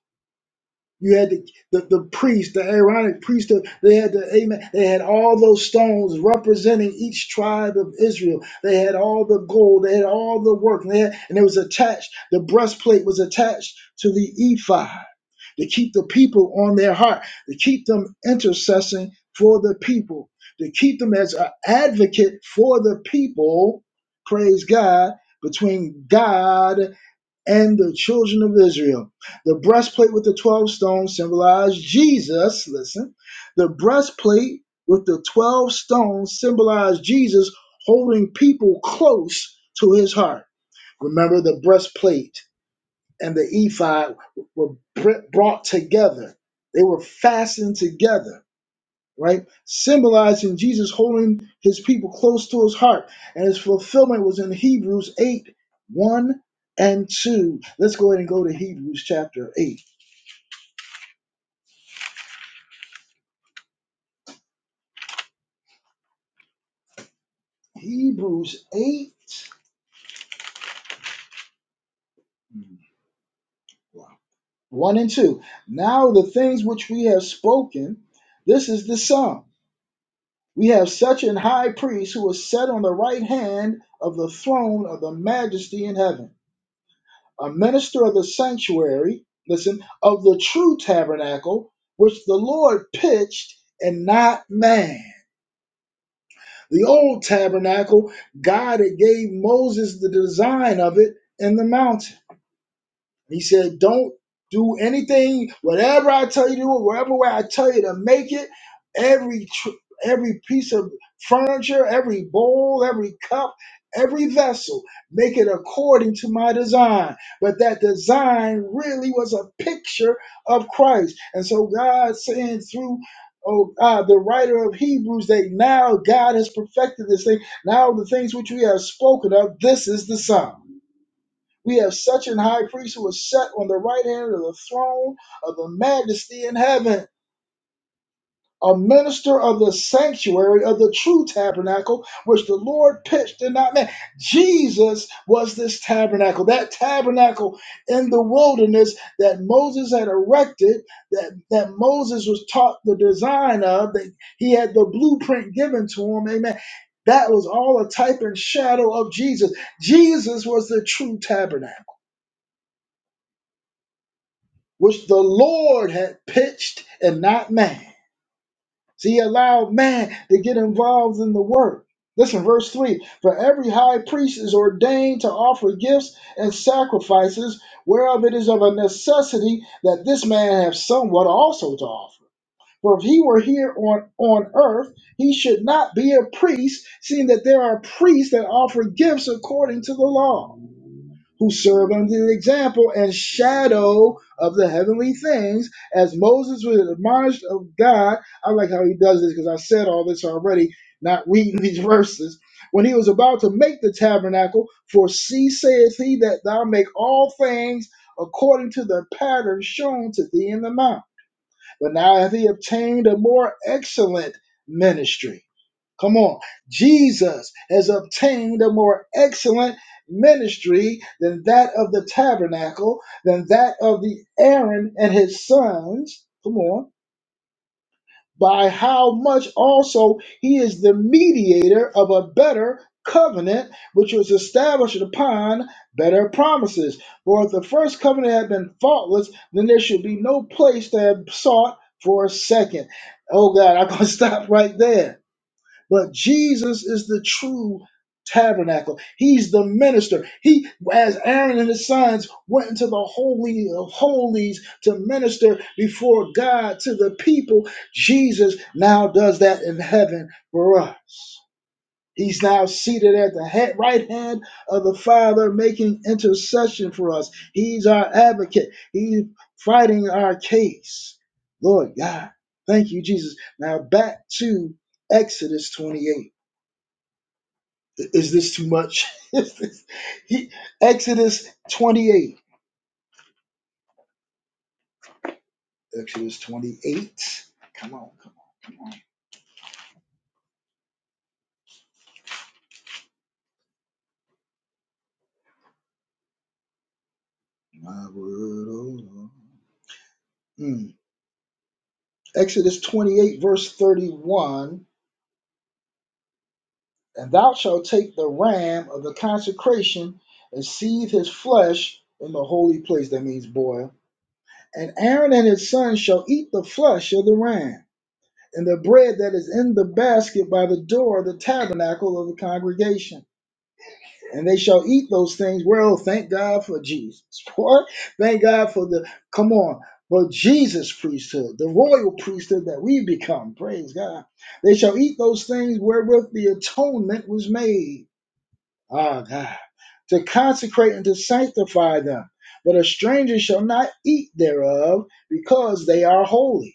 Speaker 1: you had the, the, the priest, the Aaronic priesthood, they had the amen, they had all those stones representing each tribe of Israel. They had all the gold, they had all the work, and, they had, and it was attached, the breastplate was attached to the ephod to keep the people on their heart, to keep them intercessing for the people, to keep them as an advocate for the people, praise God, between God and the children of Israel. The breastplate with the 12 stones symbolized Jesus. Listen, the breastplate with the 12 stones symbolized Jesus holding people close to his heart. Remember, the breastplate and the ephod were br- brought together, they were fastened together right? Symbolizing Jesus holding his people close to his heart. And his fulfillment was in Hebrews 8 1 and 2. Let's go ahead and go to Hebrews chapter 8. Hebrews 8 1 and 2. Now the things which we have spoken, this is the sum. We have such an high priest who is set on the right hand of the throne of the majesty in heaven a minister of the sanctuary, listen, of the true tabernacle, which the Lord pitched and not man. The old tabernacle, God had gave Moses the design of it in the mountain. He said, Don't do anything, whatever I tell you to do, whatever way I tell you to make it, every tr- every piece of furniture, every bowl, every cup, every vessel, make it according to my design. But that design really was a picture of Christ. And so God saying through Oh God, the writer of Hebrews, that now God has perfected this thing. Now the things which we have spoken of, this is the sum. We have such an high priest who is set on the right hand of the throne of the majesty in heaven, a minister of the sanctuary of the true tabernacle, which the Lord pitched and not man. Jesus was this tabernacle, that tabernacle in the wilderness that Moses had erected, that, that Moses was taught the design of, that he had the blueprint given to him. Amen. That was all a type and shadow of Jesus. Jesus was the true tabernacle. which the Lord had pitched and not man. So he allowed man to get involved in the work. Listen, verse 3 For every high priest is ordained to offer gifts and sacrifices, whereof it is of a necessity that this man have somewhat also to offer. For if he were here on, on earth, he should not be a priest, seeing that there are priests that offer gifts according to the law who serve under the example and shadow of the heavenly things, as Moses was admonished of God. I like how he does this because I said all this already, not reading these verses. When he was about to make the tabernacle, for see saith he that thou make all things according to the pattern shown to thee in the mount. But now hath he obtained a more excellent ministry Come on. Jesus has obtained a more excellent ministry than that of the tabernacle, than that of the Aaron and his sons. Come on. By how much also he is the mediator of a better covenant, which was established upon better promises. For if the first covenant had been faultless, then there should be no place to have sought for a second. Oh God, I'm going to stop right there but Jesus is the true tabernacle. He's the minister. He, as Aaron and his sons, went into the holy of holies to minister before God to the people. Jesus now does that in heaven for us. He's now seated at the head, right hand of the Father, making intercession for us. He's our advocate. He's fighting our case. Lord God, thank you, Jesus. Now back to Exodus 28. Is this too much? Is this- he, Exodus 28. Exodus 28. Come on, come on, come on. My word, oh Lord. Mm. Exodus 28, verse 31. And thou shalt take the ram of the consecration and seethe his flesh in the holy place. That means boil. And Aaron and his sons shall eat the flesh of the ram and the bread that is in the basket by the door of the tabernacle of the congregation and they shall eat those things. Well, thank God for Jesus. What? Thank God for the come on for Jesus priesthood, the royal priesthood that we become. Praise God. They shall eat those things wherewith the atonement was made. Ah, God, to consecrate and to sanctify them. But a stranger shall not eat thereof, because they are holy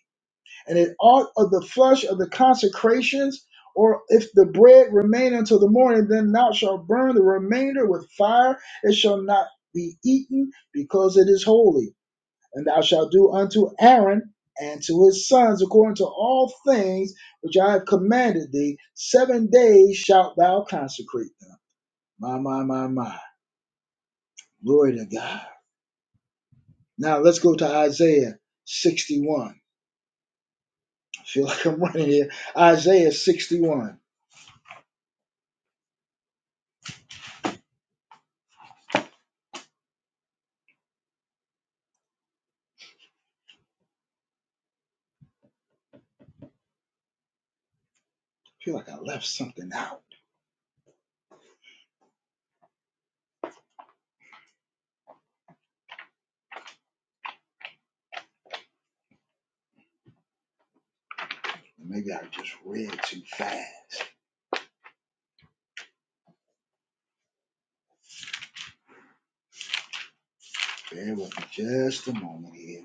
Speaker 1: and it ought of the flesh of the consecrations, or if the bread remain until the morning, then thou shalt burn the remainder with fire. It shall not be eaten, because it is holy. And thou shalt do unto Aaron and to his sons according to all things which I have commanded thee. Seven days shalt thou consecrate them. My, my, my, my. Glory to God. Now let's go to Isaiah 61. I feel like I'm running here. Isaiah 61. I feel like I left something out. Maybe I just read too fast. Bear with me just a moment here.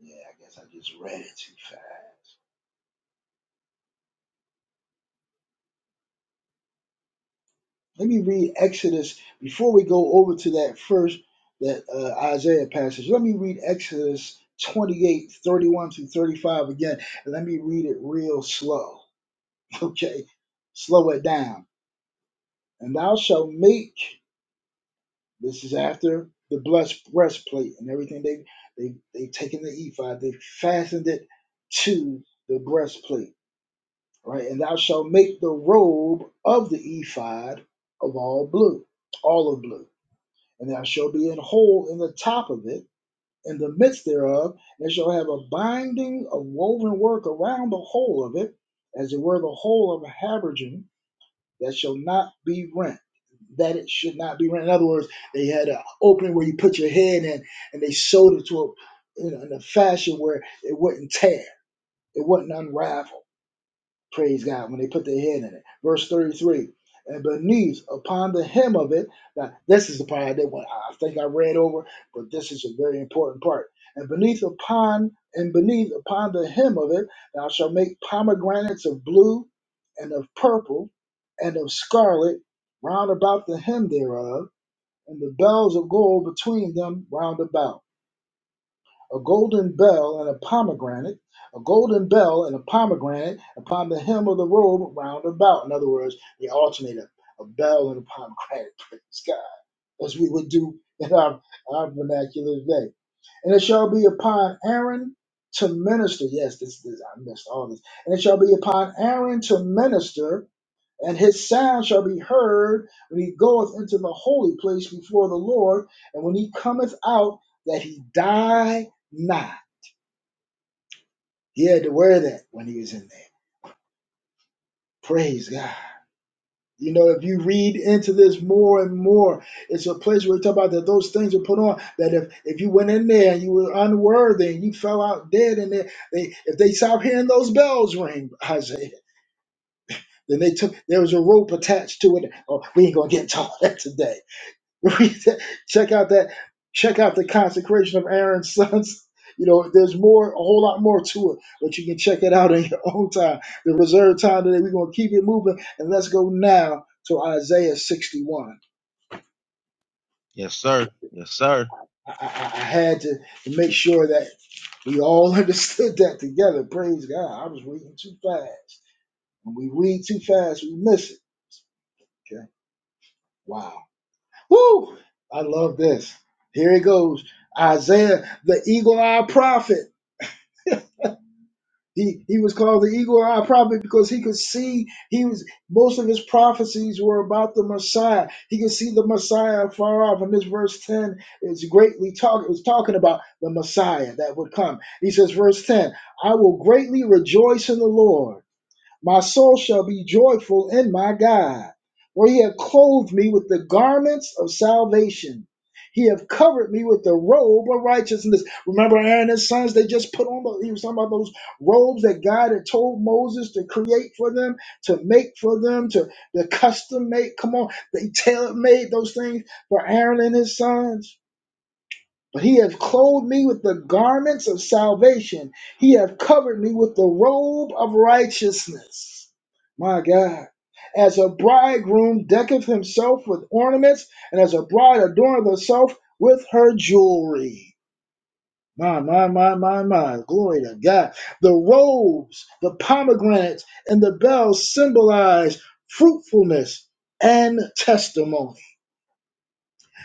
Speaker 1: Yeah, I guess I just read it too fast. Let me read Exodus before we go over to that first that uh, Isaiah passage. Let me read Exodus 28 31 through 35 again. And let me read it real slow. Okay. Slow it down. And thou shalt make This is after the blessed breastplate and everything. They they they've taken the ephod, they fastened it to the breastplate, right? And thou shalt make the robe of the ephod of all blue, olive blue, and thou shalt be an hole in the top of it, in the midst thereof, and shall have a binding of woven work around the whole of it, as it were the whole of a habergeon, that shall not be rent. That it should not be rent. In other words, they had an opening where you put your head in, and they sewed it to a in a in a fashion where it wouldn't tear, it wouldn't unravel. Praise God when they put their head in it. Verse 33. And beneath upon the hem of it. Now, this is the part that one I think I read over, but this is a very important part. And beneath upon and beneath upon the hem of it, thou shalt make pomegranates of blue and of purple and of scarlet round about the hem thereof, and the bells of gold between them round about a golden bell and a pomegranate, a golden bell and a pomegranate upon the hem of the robe round about. In other words, they alternate a, a bell and a pomegranate, praise God, as we would do in our, our vernacular today. And it shall be upon Aaron to minister. Yes, this, this I missed all this. And it shall be upon Aaron to minister, and his sound shall be heard when he goeth into the holy place before the Lord, and when he cometh out, that he die not. He had to wear that when he was in there. Praise God. You know, if you read into this more and more, it's a place where we talk about that those things are put on. That if, if you went in there and you were unworthy and you fell out dead in there, they if they stopped hearing those bells ring, Isaiah, then they took there was a rope attached to it. Oh, we ain't gonna get taught that today. check out that check out the consecration of Aaron's sons. You know, there's more, a whole lot more to it, but you can check it out in your own time. The reserved time today, we're gonna keep it moving, and let's go now to Isaiah 61.
Speaker 6: Yes, sir. Yes, sir.
Speaker 1: I, I, I had to make sure that we all understood that together. Praise God! I was reading too fast. When we read too fast, we miss it. Okay, wow, woo! I love this. Here it goes, Isaiah, the eagle-eyed prophet. He he was called the eagle eye probably because he could see he was most of his prophecies were about the Messiah. He could see the Messiah far off. And this verse 10 is greatly talk it was talking about the Messiah that would come. He says, verse 10, I will greatly rejoice in the Lord. My soul shall be joyful in my God, for he hath clothed me with the garments of salvation. He hath covered me with the robe of righteousness. Remember Aaron and his sons, they just put on, the- he was talking about those robes that God had told Moses to create for them, to make for them, to, to custom make. Come on, they tailor made those things for Aaron and his sons. But He hath clothed me with the garments of salvation. He hath covered me with the robe of righteousness. My God. As a bridegroom decketh himself with ornaments, and as a bride adorneth herself with her jewelry. My, my, my, my, my. Glory to God. The robes, the pomegranates, and the bells symbolize fruitfulness and testimony.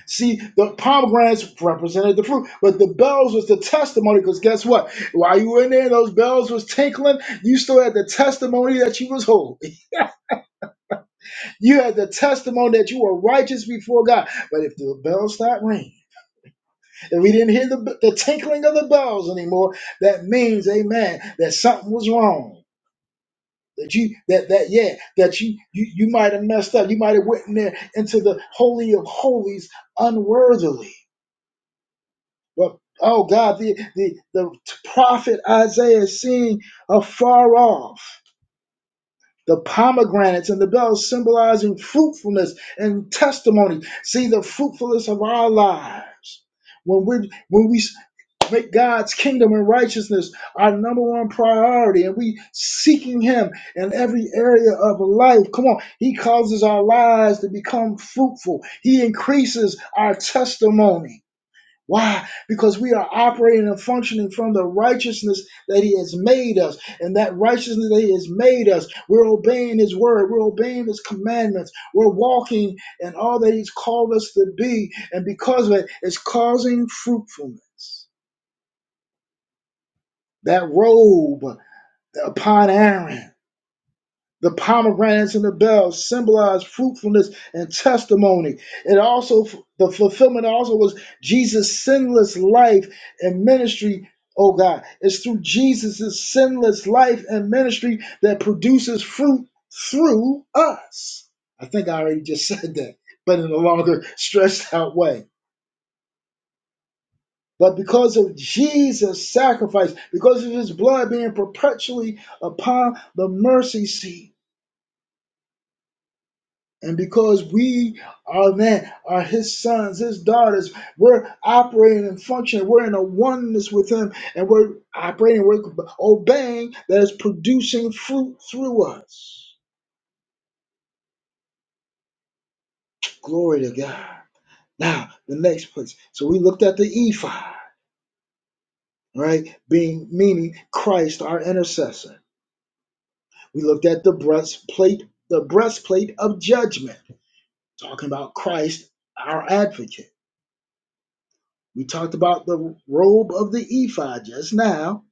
Speaker 1: See, the pomegranates represented the fruit, but the bells was the testimony. Because guess what? While you were in there, those bells was tinkling. You still had the testimony that you was holy. You had the testimony that you were righteous before God. But if the bells stopped ringing, if we didn't hear the, the tinkling of the bells anymore, that means, Amen, that something was wrong. That you that that yeah that you you, you might have messed up. You might have went in there into the holy of holies unworthily. But oh God, the, the, the prophet Isaiah seeing afar off the pomegranates and the bells symbolizing fruitfulness and testimony. See the fruitfulness of our lives. When we when we make God's kingdom and righteousness our number one priority, and we seeking Him in every area of life. Come on, He causes our lives to become fruitful. He increases our testimony. Why? Because we are operating and functioning from the righteousness that He has made us. And that righteousness that He has made us, we're obeying His word, we're obeying His commandments, we're walking in all that He's called us to be. And because of it, it's causing fruitfulness. That robe upon Aaron. The pomegranates and the bells symbolize fruitfulness and testimony. It also, the fulfillment also was Jesus' sinless life and ministry. Oh God, it's through Jesus' sinless life and ministry that produces fruit through us. I think I already just said that, but in a longer, stressed out way. But because of Jesus' sacrifice, because of his blood being perpetually upon the mercy seat, And because we are men, are his sons, his daughters, we're operating and functioning. We're in a oneness with him, and we're operating, we're obeying that is producing fruit through us. Glory to God. Now, the next place. So we looked at the ephod, right? Being meaning Christ, our intercessor. We looked at the breastplate, the breastplate of judgment, talking about Christ, our advocate. We talked about the robe of the ephod just now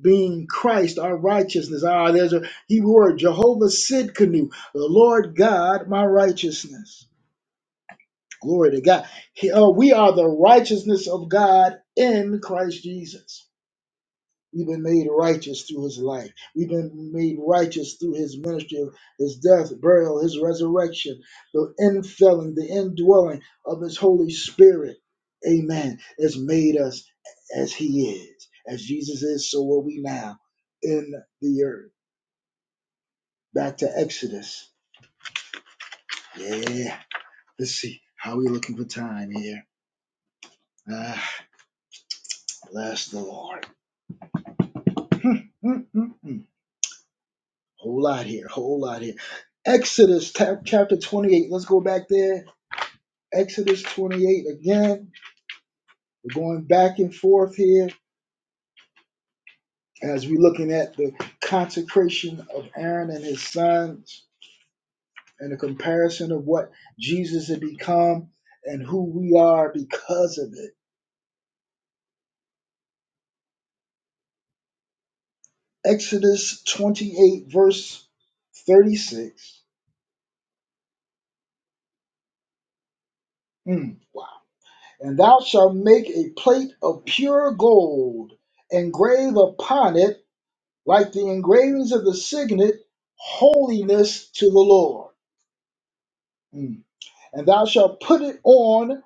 Speaker 1: being Christ, our righteousness. Ah, there's a Hebrew word, Jehovah Sidkenu, the Lord God, my righteousness. Glory to God. He- oh, we are the righteousness of God in Christ Jesus. We've been made righteous through his life. We've been made righteous through his ministry, his death, burial, his resurrection, the infilling, the indwelling of his Holy Spirit. Amen. Has made us as he is. As Jesus is, so are we now in the earth. Back to Exodus. Yeah. Let's see. How we looking for time here? Ah, bless the Lord. Mm-mm-mm. Whole lot here. Whole lot here. Exodus chapter 28. Let's go back there Exodus 28 again. We're going back and forth here as we're looking at the consecration of Aaron and his sons and the comparison of what Jesus had become and who we are because of it. Exodus 28, verse 36. Mm, wow. And thou shalt make a plate of pure gold, engrave upon it, like the engravings of the signet, holiness to the Lord. Mm. and thou shalt put it on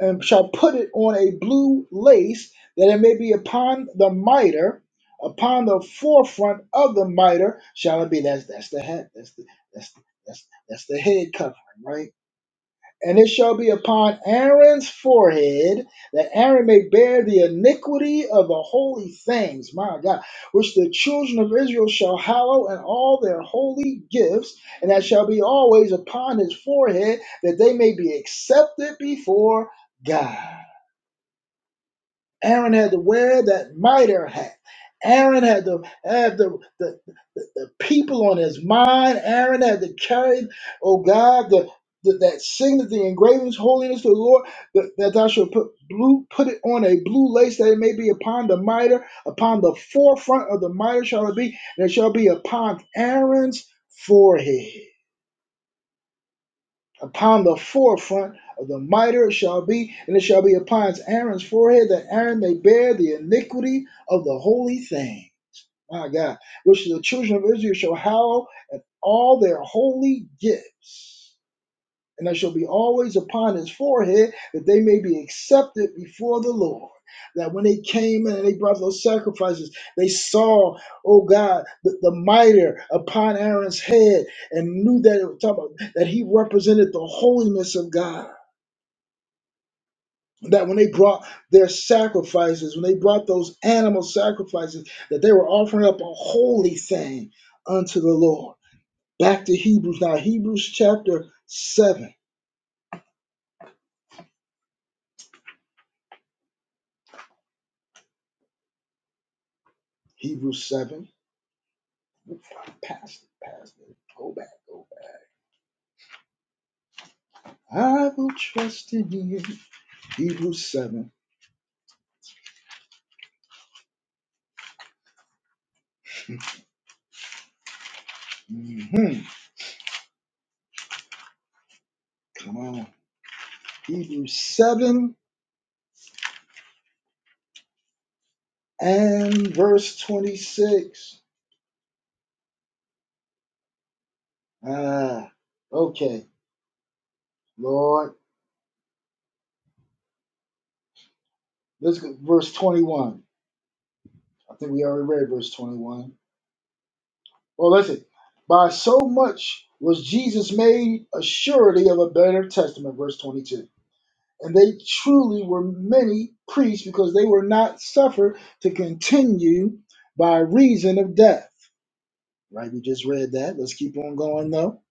Speaker 1: and shalt put it on a blue lace that it may be upon the mitre upon the forefront of the mitre shall it be that's that's the head that's the that's the, that's, that's the head covering right and it shall be upon Aaron's forehead that Aaron may bear the iniquity of the holy things, my God, which the children of Israel shall hallow in all their holy gifts, and that shall be always upon his forehead, that they may be accepted before God. Aaron had to wear that mitre hat. Aaron had to have the, the, the, the people on his mind. Aaron had to carry, oh God, the, the that signet, the engravings, holiness to the Lord, that, that thou shalt put blue, put it on a blue lace that it may be upon the mitre, upon the forefront of the mitre shall it be, and it shall be upon Aaron's forehead. Upon the forefront of the mitre shall be, and it shall be upon Aaron's forehead, that Aaron may bear the iniquity of the holy thing. My God, which the children of Israel shall hallow at all their holy gifts and that shall be always upon his forehead, that they may be accepted before the Lord. That when they came in and they brought those sacrifices, they saw, oh God, the, the mitre upon Aaron's head and knew that it was talking about, that he represented the holiness of God. That when they brought their sacrifices, when they brought those animal sacrifices, that they were offering up a holy thing unto the Lord. Back to Hebrews now, Hebrews chapter 7. Hebrews 7 Look, Past it, past it. Go back, go back. I will trust in you. Hebrews 7. hmm Come on. Hebrews 7 and verse 26. Ah, okay. Lord, let's go. Verse 21. I think we already read verse 21. Well, listen. By so much was Jesus made a surety of a better testament, verse 22 And they truly were many priests because they were not suffered to continue by reason of death. Right? We just read that. Let's keep on going though.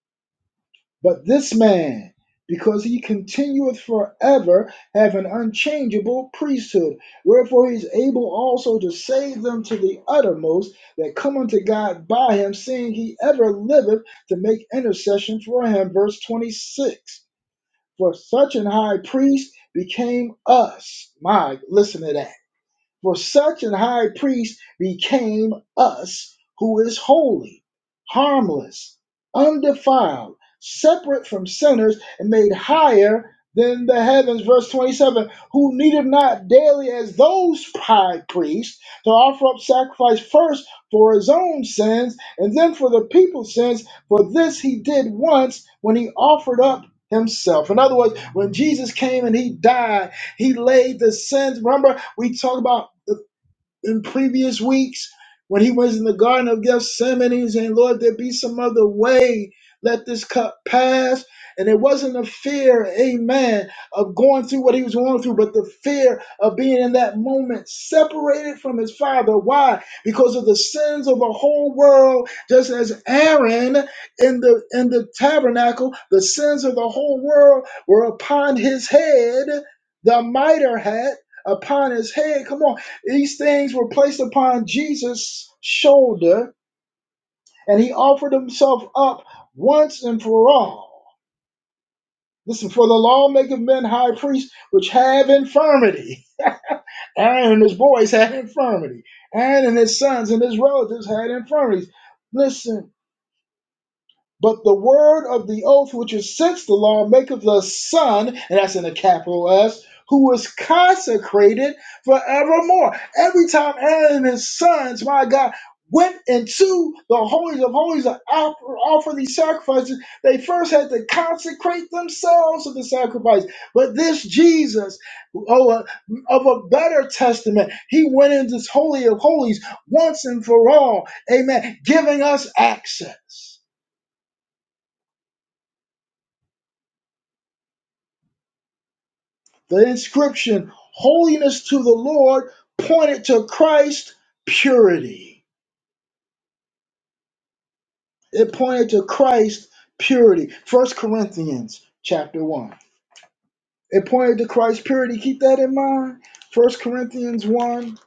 Speaker 1: But this man, because he continueth forever, have an unchangeable priesthood, wherefore he is able also to save them to the uttermost that come unto God by him, seeing he ever liveth to make intercession for him. Verse 26. For such an high priest became us. My, listen to that. For such an high priest became us who is holy, harmless, undefiled, separate from sinners, and made higher than the heavens. Verse 27 Who needed not daily as those high priests to offer up sacrifice first for his own sins and then for the people's sins, for this he did once when he offered up himself. In other words, when Jesus came and he died, he laid the sins. Remember, we talked about in previous weeks when he was in the Garden of Gethsemane and saying, Lord, there be some other way. Let this cup pass. And it wasn't a fear, amen, of going through what he was going through, but the fear of being in that moment separated from his father. Why? Because of the sins of the whole world, just as Aaron in the in the tabernacle, the sins of the whole world were upon his head, the mitre hat upon his head. Come on these things were placed upon Jesus' shoulder, and he offered himself up once and for all. Listen, for the law maketh men high priests which have infirmity. Aaron and his boys had infirmity. Aaron and his sons and his relatives had infirmities. Listen, But the word of the oath which is since the law maketh us son, and that's in a capital S, who is consecrated forevermore. Every time Aaron and his sons, my God, went into the holies of holies to offer, offer these sacrifices, they first had to consecrate themselves to the sacrifice. But this Jesus, oh, uh, of a better testament, he went into this holy of holies once and for all, amen, giving us access. The inscription, Holiness to the Lord, pointed to Christ purity. It pointed to Christ purity. First Corinthians chapter 1. It pointed to Christ purity. Keep that in mind. First Corinthians 1.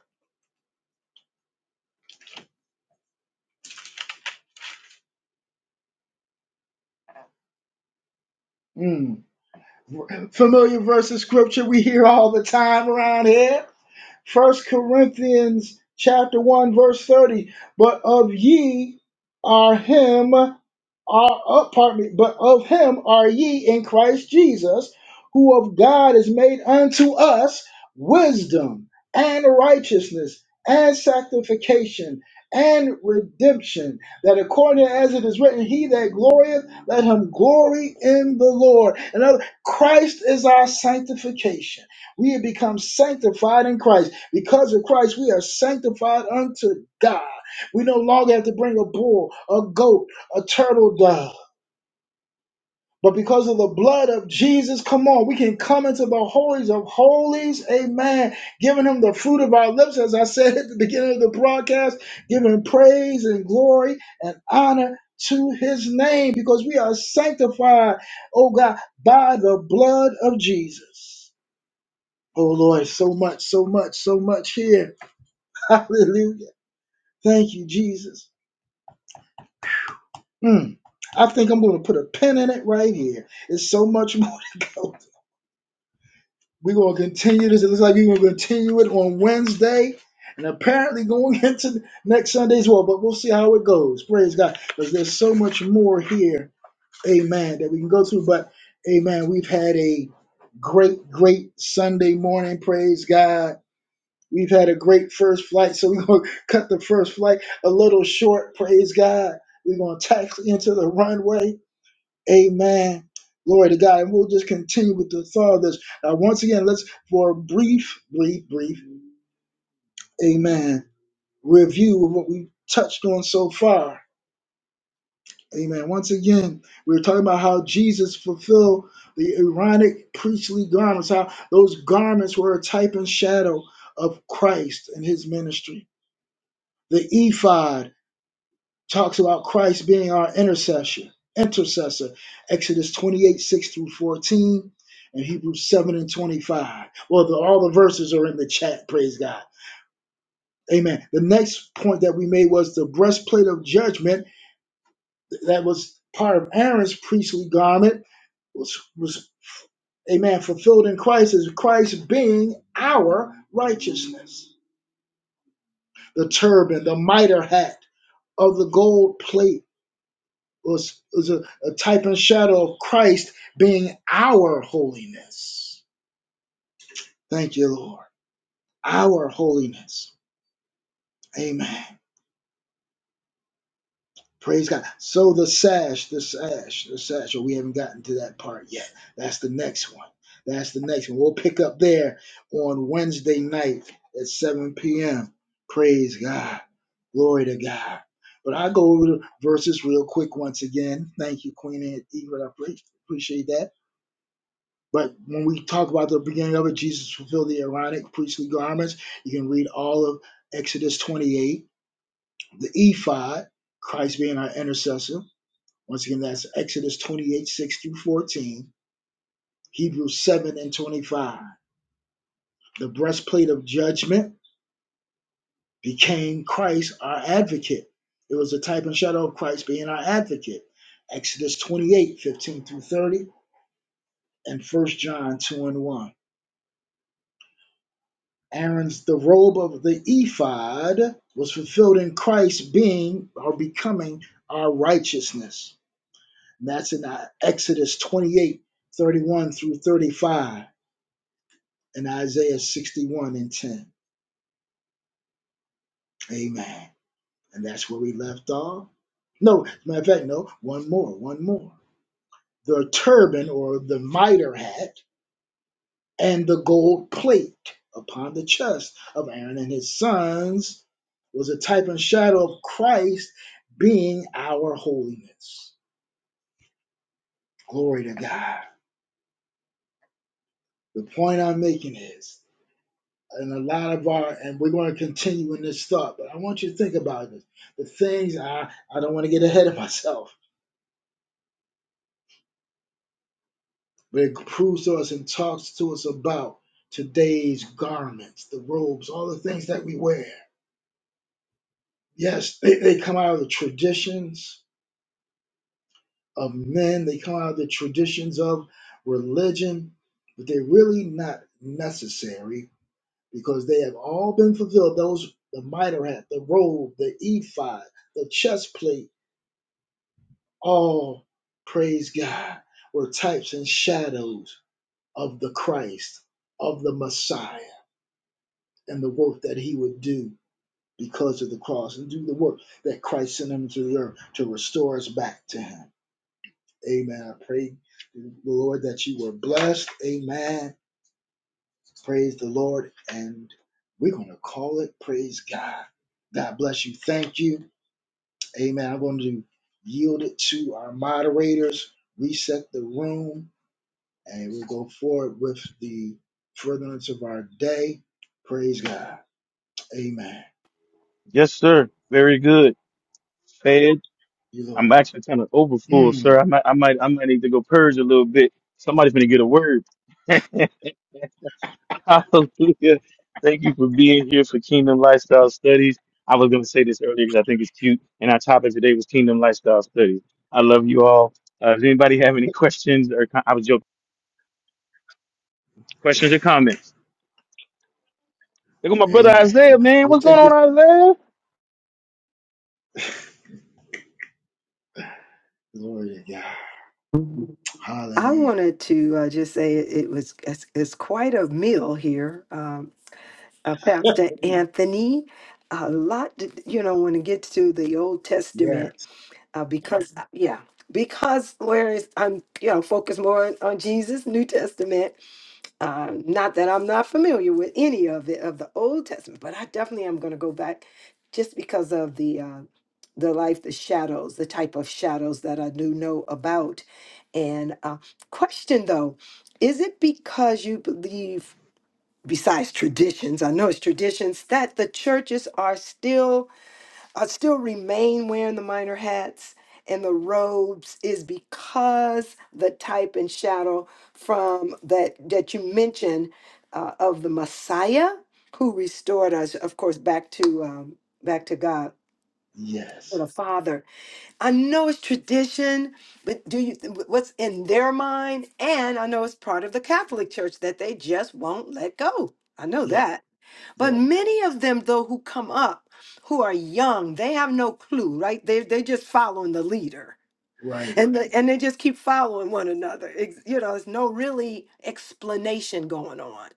Speaker 1: Mm. Familiar verse of scripture we hear all the time around here. First Corinthians chapter 1, verse 30. But of ye are him are uh, pardon me, but of him are ye in Christ Jesus, who of God is made unto us wisdom and righteousness and sanctification and redemption, that according as it is written, he that glorieth, let him glory in the Lord. And other, Christ is our sanctification. We have become sanctified in Christ. Because of Christ, we are sanctified unto God. We no longer have to bring a bull, a goat, a turtle dove. But because of the blood of Jesus, come on, we can come into the holies of holies, amen. Giving him the fruit of our lips, as I said at the beginning of the broadcast, giving praise and glory and honor to his name because we are sanctified, oh God, by the blood of Jesus. Oh Lord, so much, so much, so much here. Hallelujah. Thank you, Jesus. Mm. I think I'm going to put a pin in it right here. It's so much more to go. We're going to continue this. It looks like we're going to continue it on Wednesday and apparently going into next Sunday as well. But we'll see how it goes. Praise God. Because there's so much more here, amen, that we can go through. But, amen, we've had a great, great Sunday morning. Praise God. We've had a great first flight. So we're going to cut the first flight a little short. Praise God. We're going to taxi into the runway. Amen. Glory to God. And we'll just continue with the thought of this. Uh, once again, let's, for a brief, brief, brief, amen, review of what we've touched on so far. Amen. Once again, we were talking about how Jesus fulfilled the Aaronic priestly garments, how those garments were a type and shadow of Christ and his ministry. The ephod, Talks about Christ being our intercessor. intercessor. Exodus 28, 6 through 14, and Hebrews 7 and 25. Well, the, all the verses are in the chat, praise God. Amen. The next point that we made was the breastplate of judgment that was part of Aaron's priestly garment was, was amen, fulfilled in Christ as Christ being our righteousness. The turban, the mitre hat of the gold plate was, was a, a type and shadow of Christ being our holiness. Thank you, Lord. Our holiness. Amen. Praise God. So the sash, the sash, the sash. Oh, we haven't gotten to that part yet. That's the next one. That's the next one. We'll pick up there on Wednesday night at 7 p.m. Praise God. Glory to God. But I go over the verses real quick once again. Thank you, Queen Eve. I appreciate that. But when we talk about the beginning of it, Jesus fulfilled the Aaronic priestly garments. You can read all of Exodus 28, the ephod, Christ being our intercessor. Once again, that's Exodus 28, 6 through 14, Hebrews 7 and 25. The breastplate of judgment became Christ, our advocate. It was a type and shadow of Christ being our advocate. Exodus 28:15 through 30, and 1 John 2 and 1. Aaron's the robe of the ephod was fulfilled in Christ being or becoming our righteousness. And that's in uh, Exodus 28:31 through 35 and Isaiah 61 and 10. Amen. And that's where we left off. No, as a matter of fact, no, one more, one more. The turban or the mitre hat and the gold plate upon the chest of Aaron and his sons was a type and shadow of Christ being our holiness. Glory to God. The point I'm making is, and a lot of our, and we're going to continue in this thought, but I want you to think about this. The things I, I don't want to get ahead of myself, but it proves to us and talks to us about today's garments, the robes, all the things that we wear. Yes, they, they come out of the traditions, of men. They come out of the traditions of religion, but they're really not necessary because they have all been fulfilled. Those the mitre hat, the robe, the ephod, the chest plate, all praise God, were types and shadows of the Christ, of the Messiah, and the work that he would do because of the cross and do the work that Christ sent him to the earth to restore us back to him. Amen. I pray, the Lord, that you were blessed. Amen. Praise the Lord. And we're going to call it praise God. God bless you. Thank you. Amen. I'm going to yield it to our moderators, reset the room, and we'll go forward with the furtherance of our day. Praise God. Amen.
Speaker 2: Yes, sir. Very good. Fed.
Speaker 1: You,
Speaker 2: I'm
Speaker 1: Lord.
Speaker 2: actually kind of over full,
Speaker 1: Mm,
Speaker 2: sir. I might, I might, I might need to go purge a little bit. Somebody's gonna get a word. Hallelujah. Thank you for being here for Kingdom Lifestyle Studies. I was gonna say this earlier because I think it's cute, and our topic today was Kingdom Lifestyle Studies. I love you all. Uh, does anybody have any questions or com- I was joking. Questions or comments? Look at my brother
Speaker 1: amen.
Speaker 2: Isaiah,
Speaker 1: We'll,
Speaker 2: man.
Speaker 1: we'll
Speaker 2: What's going
Speaker 1: take it.
Speaker 2: on, Isaiah?
Speaker 1: Glory to God.
Speaker 3: I
Speaker 1: Hallelujah.
Speaker 3: wanted to uh, just say it, it was it's, it's quite a meal here, um, uh, Pastor Anthony. A lot, to, you know, when it gets to the Old
Speaker 1: Yes.
Speaker 3: Testament. uh, because uh, yeah because whereas i'm you know focused more on jesus new testament uh, not that i'm not familiar with any of it of the old testament but i definitely am going to go back just because of the uh, the life the shadows the type of shadows that i do know about and uh, question though is it because you believe besides traditions i know it's traditions that the churches are still I still remain wearing the minor hats and the robes is because the type and shadow from that that you mentioned uh, of the Messiah who restored us, of course, back to um, back to God or
Speaker 1: Yes.
Speaker 3: the Father. I know it's tradition, but do you what's in their mind? And I know it's part of the Catholic Church that they just won't let go. I know
Speaker 1: Yeah.
Speaker 3: that but
Speaker 1: Yes.
Speaker 3: many of them, though, who come up, who are young, they have no clue, right? They they just following the leader,
Speaker 1: Right.
Speaker 3: and the, and they just keep following one another. Ex you know, there's no really explanation going on.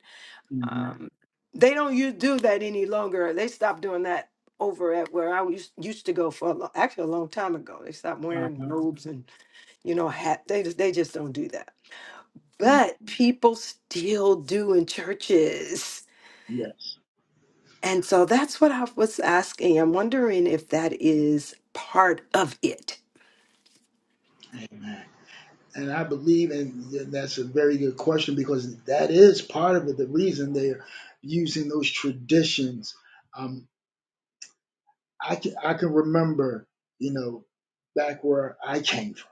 Speaker 1: Mm-hmm.
Speaker 3: Um, they don't you do that any longer. They stopped doing that over at where I used used to go for a lo- actually a long time ago. They stopped wearing robes and you know hat. They just they just don't do that.
Speaker 1: Amen.
Speaker 3: But people still do in churches.
Speaker 1: Yes.
Speaker 3: And so that's what I was asking. I'm wondering if that is part of it.
Speaker 1: Amen. And I believe, and that's a very good question because that is part of it, the reason they're using those traditions. Um, I can I can remember, you know, back where I came from,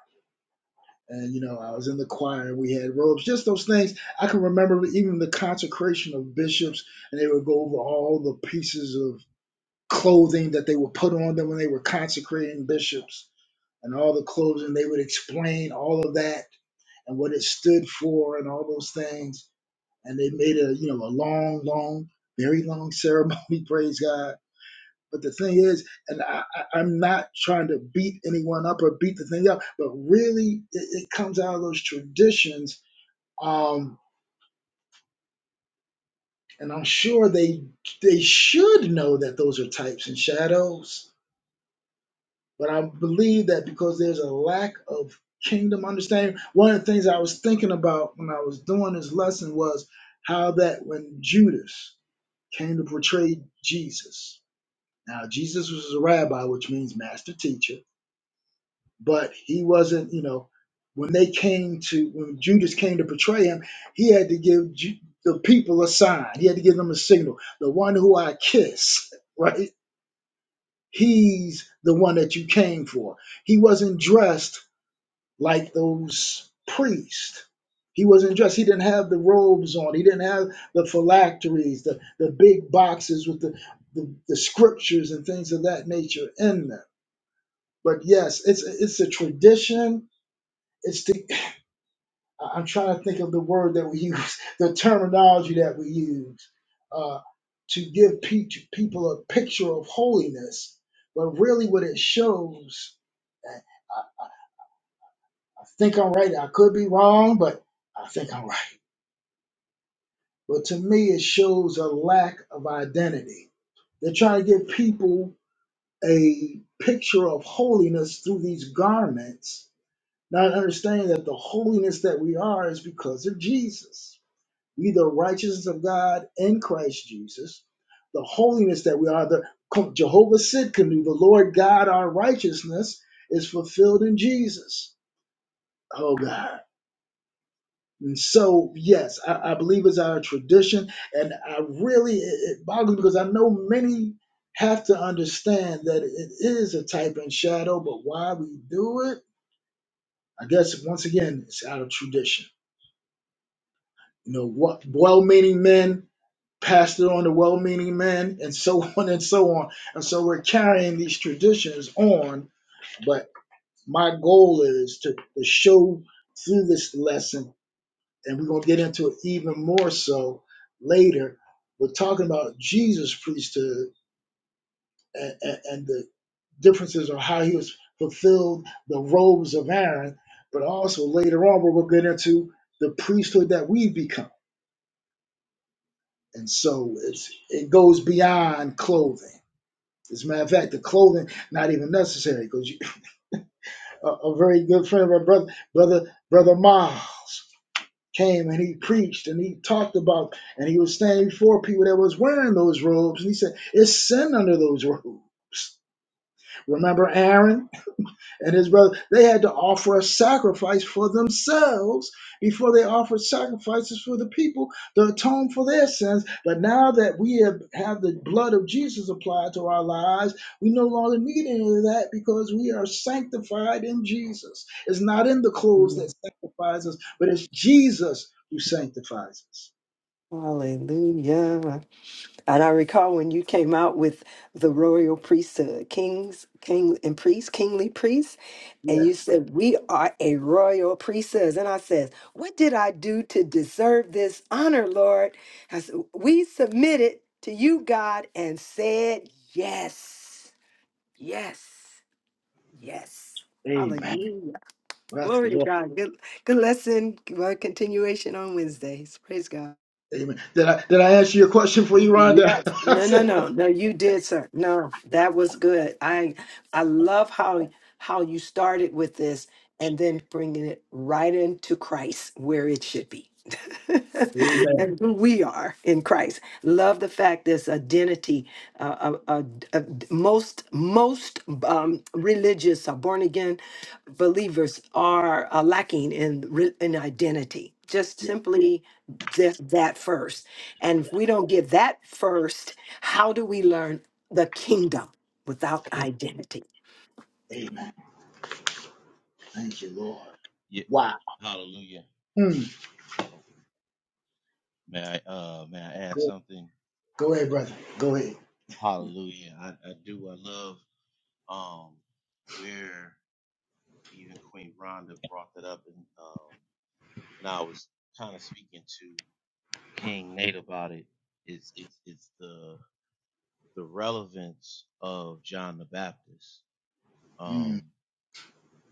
Speaker 1: and you know, I was in the choir and we had robes, just those things. I can remember even the consecration of bishops, and they would go over all the pieces of clothing that they would put on them when they were consecrating bishops, and all the clothing. They would explain all of that and what it stood for and all those things. And they made a you know a long, long, very long ceremony. Praise God. But the thing is, and I, I, I'm not trying to beat anyone up or beat the thing up, but really it, it comes out of those traditions. Um, and I'm sure they they should know that those are types and shadows But I believe that because there's a lack of kingdom understanding, one of the things I was thinking about when I was doing this lesson was how that when Judas came to portray Jesus, now Jesus was a rabbi, which means master teacher, but he wasn't, you know, when they came to, when Judas came to portray him, he had to give Ju- the people a sign. He had to give them a signal. The one who I kiss, right? He's the one that you came for. He wasn't dressed like those priests. He wasn't dressed. He didn't have the robes on. He didn't have the phylacteries, the, the big boxes with the, the, the scriptures and things of that nature in them. But yes, it's it's a tradition. It's the I- am trying to think of the word that we use, the terminology that we use uh, to give pe- to people a picture of holiness. But really, what it shows, I I think I'm right. I could be wrong, but I think I'm right. But to me, it shows a lack of identity. They're trying to give people a picture of holiness through these garments, not understanding that the holiness that we are is because of Jesus. We, the righteousness of God in Christ Jesus, the holiness that we are, the Jehovah Sidkenu, the Lord God, our righteousness, is fulfilled in Jesus. Oh God. And So yes, I, I believe it's our tradition, and I really it, it boggles me because I know many have to understand that it is a type and shadow, but why we do it, I guess once again, it's out of tradition. You know, what well-meaning men passed it on to well-meaning men, and so on and so on, and so we're carrying these traditions on. But my goal is to, to show through this lesson and we're going to get into it even more so later. We're talking about Jesus' priesthood and, and, and the differences of how he was fulfilled the robes of Aaron, but also later on we're going to get into the priesthood that we've become. And so it's, it goes beyond clothing. As a matter of fact, the clothing not even necessary because a, a very good friend of our brother, brother, brother Miles. came and he preached and he talked about and he was standing before people that was wearing those robes and he said it's sin under those robes remember aaron and his brother, they had to offer a sacrifice for themselves before they offered sacrifices for the people to atone for their sins. But now that we have, have the blood of Jesus applied to our lives, we no longer need any of that because we are sanctified in Jesus. It's not in the clothes that sanctifies us, but it's Jesus who sanctifies us.
Speaker 3: Hallelujah. And I recall when you came out with the royal priesthood, kings, king and priests, kingly priests. And you
Speaker 1: Yes.
Speaker 3: said, We are a royal priesthood. And I says, What did I do to deserve this honor, Lord? I said, We submitted to you, God, and said, Yes, yes, yes.
Speaker 1: Amen.
Speaker 3: Hallelujah.
Speaker 1: Bless the
Speaker 3: Glory to
Speaker 1: Lord.
Speaker 3: God. Good, good lesson. Well, continuation on Wednesdays. Praise God.
Speaker 1: Amen. Did I did I answer your question for
Speaker 6: Oh
Speaker 1: you,
Speaker 6: yeah.
Speaker 3: Yes. No, no,
Speaker 1: Rhonda?
Speaker 3: no. No, you did, sir. No, that was good. I I love how how you started with this and then bringing it right into Christ where it should be. and who we are in Christ. Love the fact this identity uh, uh, uh, uh, most most um, religious uh, born again believers are uh, lacking in re- in identity. Just
Speaker 1: yeah.
Speaker 3: simply just that first. And if we don't get that first, how do we learn the kingdom without identity?
Speaker 1: Amen. Thank you, Lord.
Speaker 6: yeah.
Speaker 1: Wow.
Speaker 6: Hallelujah. Oh, may I uh may I add
Speaker 1: Go,
Speaker 6: something?
Speaker 1: go ahead, brother. Go ahead.
Speaker 6: Hallelujah. I, I do I love um where even Queen Rhonda brought that up and um and I was kind of speaking to King Nate about it. It's it's it's the the relevance of John the Baptist.
Speaker 1: Mm,
Speaker 6: Um.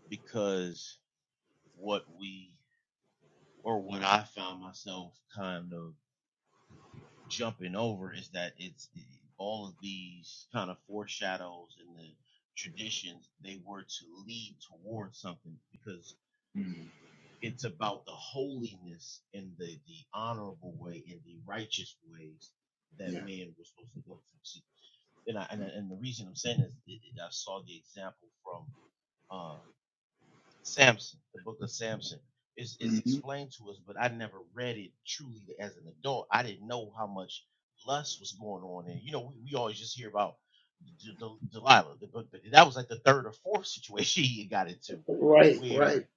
Speaker 6: because what we or what I found myself kind of jumping over is that it's all of these kind of foreshadows and the traditions they were to lead towards something because it's about the holiness and the the honorable way and the righteous ways that
Speaker 1: yeah.
Speaker 6: men were supposed to go through. And I, and, I- and the reason I'm saying this, it, it, I saw the example from uh, Samson, the book of Samson. It's, it's
Speaker 1: hmm
Speaker 6: explained to us, but I never read it truly as an adult. I didn't know how much lust was going on. And, you know, we, we always just hear about D- D- Delilah, the book, but that was like the third or fourth situation he got into
Speaker 1: Right, right.
Speaker 6: where,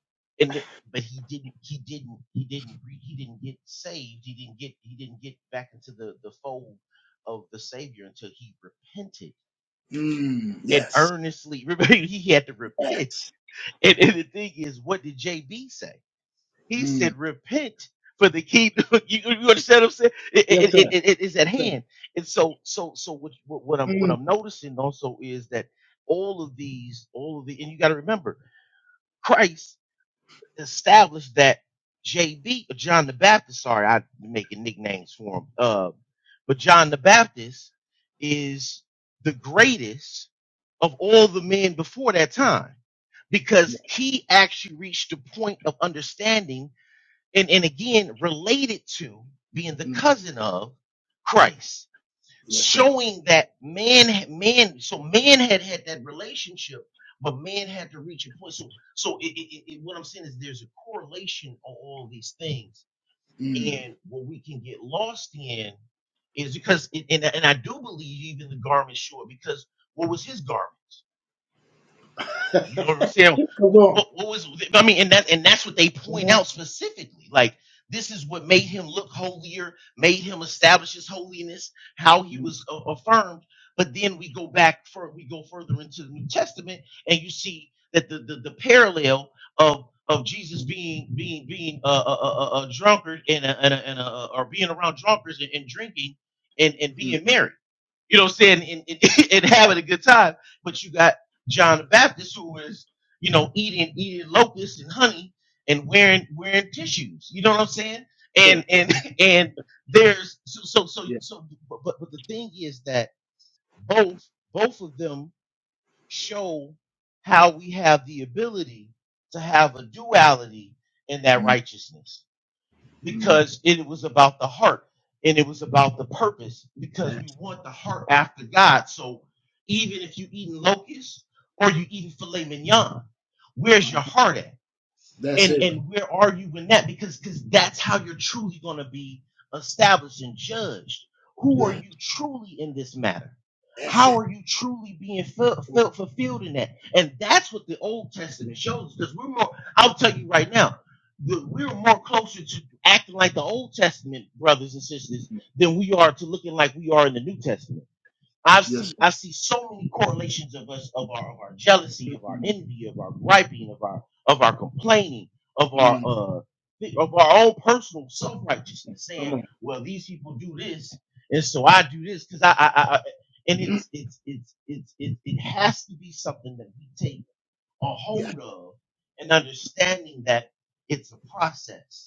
Speaker 6: and, it- but he didn't, he didn't, he didn't, re- he didn't get saved. He didn't get, he didn't get back into the, the fold of the Savior until he repented
Speaker 1: Mm,
Speaker 6: and
Speaker 1: yes.
Speaker 6: earnestly, remember, he had to repent
Speaker 1: Yes.
Speaker 6: and, and the thing is, what did JB say? He
Speaker 1: Mm.
Speaker 6: said, "Repent, for the kingdom." you, you understand what I'm saying? It,
Speaker 1: Yes,
Speaker 6: it,
Speaker 1: sir.
Speaker 6: it, it it is at
Speaker 1: Yes, sir.
Speaker 6: hand. And so, so, so what, what, what I'm what
Speaker 1: Mm.
Speaker 6: I'm noticing also is that all of these, all of the, and you got to remember, Christ established that JB, or John the Baptist, sorry, I'm making nicknames for him, uh, but John the Baptist is the greatest of all the men before that time because he actually reached a point of understanding and, and again related to being the
Speaker 1: Mm.
Speaker 6: cousin of Christ
Speaker 1: Yes, sir.
Speaker 6: showing that man man so man had had that relationship but man had to reach a point so so it, it, it, it- what i'm saying is there's a correlation on all these things
Speaker 1: Mm.
Speaker 6: and what we can get lost in is because it, and, and i do believe even the garment short because what was his garment you understand
Speaker 1: Just Come on.
Speaker 6: what, what was? I mean, and that and that's what they
Speaker 1: Come
Speaker 6: point
Speaker 1: on.
Speaker 6: out specifically. Like this is what made him look holier, made him establish his holiness, how he
Speaker 1: Mm,
Speaker 6: was a- affirmed. But then we go back for we go further into the New Testament, and you see that the the, the parallel of of Jesus being being being a, a, a, a drunkard and a, and, a, and a, or being around drunkards and, and drinking and and being married, you know, what I'm saying and, and, and having a good time. But you got John the Baptist, who is, you know, eating eating locusts and honey and wearing wearing tissues. You know what I'm saying? And and and there's so so so
Speaker 1: Yeah.
Speaker 6: so but but but the thing is that both both of them show how we have the ability to have a duality in that
Speaker 1: Mm.
Speaker 6: righteousness
Speaker 1: Mm.
Speaker 6: because it was about the heart and it was about the purpose because we
Speaker 1: That's,
Speaker 6: want the heart after God. So even if you eating locusts or you eating filet mignon, where's your heart at?
Speaker 1: that's
Speaker 6: and
Speaker 1: it.
Speaker 6: and where are you in that because because that's how you're truly going to be established and judged who are
Speaker 1: Yeah.
Speaker 6: you truly in this matter
Speaker 1: That's
Speaker 6: how
Speaker 1: it.
Speaker 6: are you truly being felt,
Speaker 1: Mm,
Speaker 6: fulfilled in that and that's what the old testament shows because we're more i'll tell you right now the, we're more closer to acting like the old testament brothers and sisters than we are to looking like we are in the new testament I
Speaker 1: Yes,
Speaker 6: see
Speaker 1: sir.
Speaker 6: I see so many correlations of us of our of our jealousy, of our
Speaker 1: Mm.
Speaker 6: envy, of our griping, of our of our complaining, of our
Speaker 1: Mm.
Speaker 6: uh of our own personal self righteousness,
Speaker 1: Come
Speaker 6: saying,
Speaker 1: on.
Speaker 6: "Well, these people do this, and so I do this because I, I, I, I and it's it's it's it's it, it has to be something that we take a
Speaker 1: Yeah.
Speaker 6: hold of and understanding that it's a process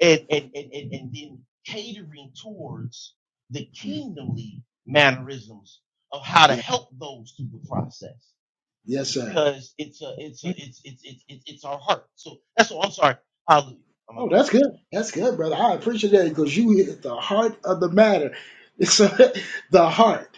Speaker 6: and and and, and, and then catering towards the
Speaker 1: Mm.
Speaker 6: kingdomly mannerisms of how to
Speaker 1: Yeah.
Speaker 6: help those through the process
Speaker 1: Yes, sir.
Speaker 6: because it's a it's a it's it's it's it's, it's our heart so that's all i'm sorry hallelujah i'm a
Speaker 1: Oh,
Speaker 6: bad
Speaker 1: that's good. That's good, brother. I appreciate that because you hit the heart of the matter. It's uh, the heart.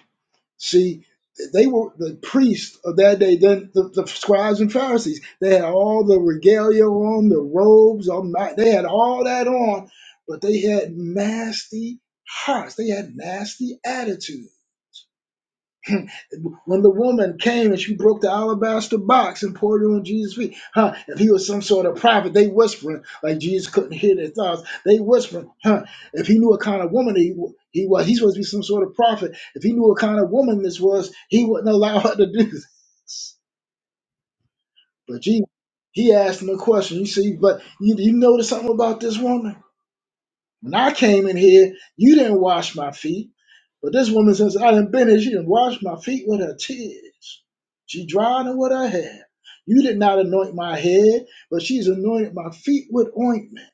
Speaker 1: See, they were the priests of that day, then the, the scribes and Pharisees. They had all the regalia on, the robes, all ma- they had all that on, but they had nasty hearts. They had nasty attitudes when the woman came and she broke the alabaster box and poured it on Jesus' feet, huh? If he was some sort of prophet, they whispering like Jesus couldn't hear their thoughts. They whispering, huh? If he knew what kind of woman he wa- he was, he's supposed to be some sort of prophet. If he knew what kind of woman this was, he wouldn't allow her to do this. But Jesus, he asked him a question. You see, but you, you notice something about this woman? When I came in here, you didn't wash my feet. But this woman, since I done been here, she done washed my feet with her tears. She dried them with her hair. You did not anoint my head, but she's anointed my feet with ointment.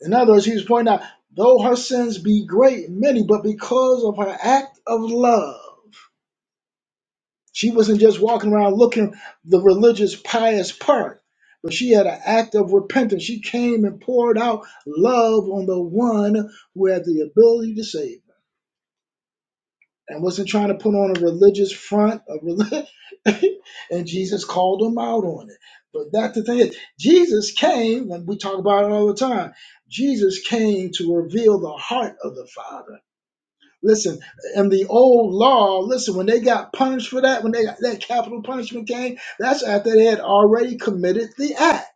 Speaker 1: In other words, she was pointing out, though her sins be great, many, but because of her act of love. She wasn't just walking around looking the religious, pious part, but she had an act of repentance. She came and poured out love on the one who had the ability to save her and wasn't trying to put on a religious front. Of relig- and Jesus called them out on it. But that's the thing is, Jesus came, and we talk about it all the time. Jesus came to reveal the heart of the Father Listen, in the old law, listen, when they got punished for that, when they that capital punishment came, that's after they had already committed the act.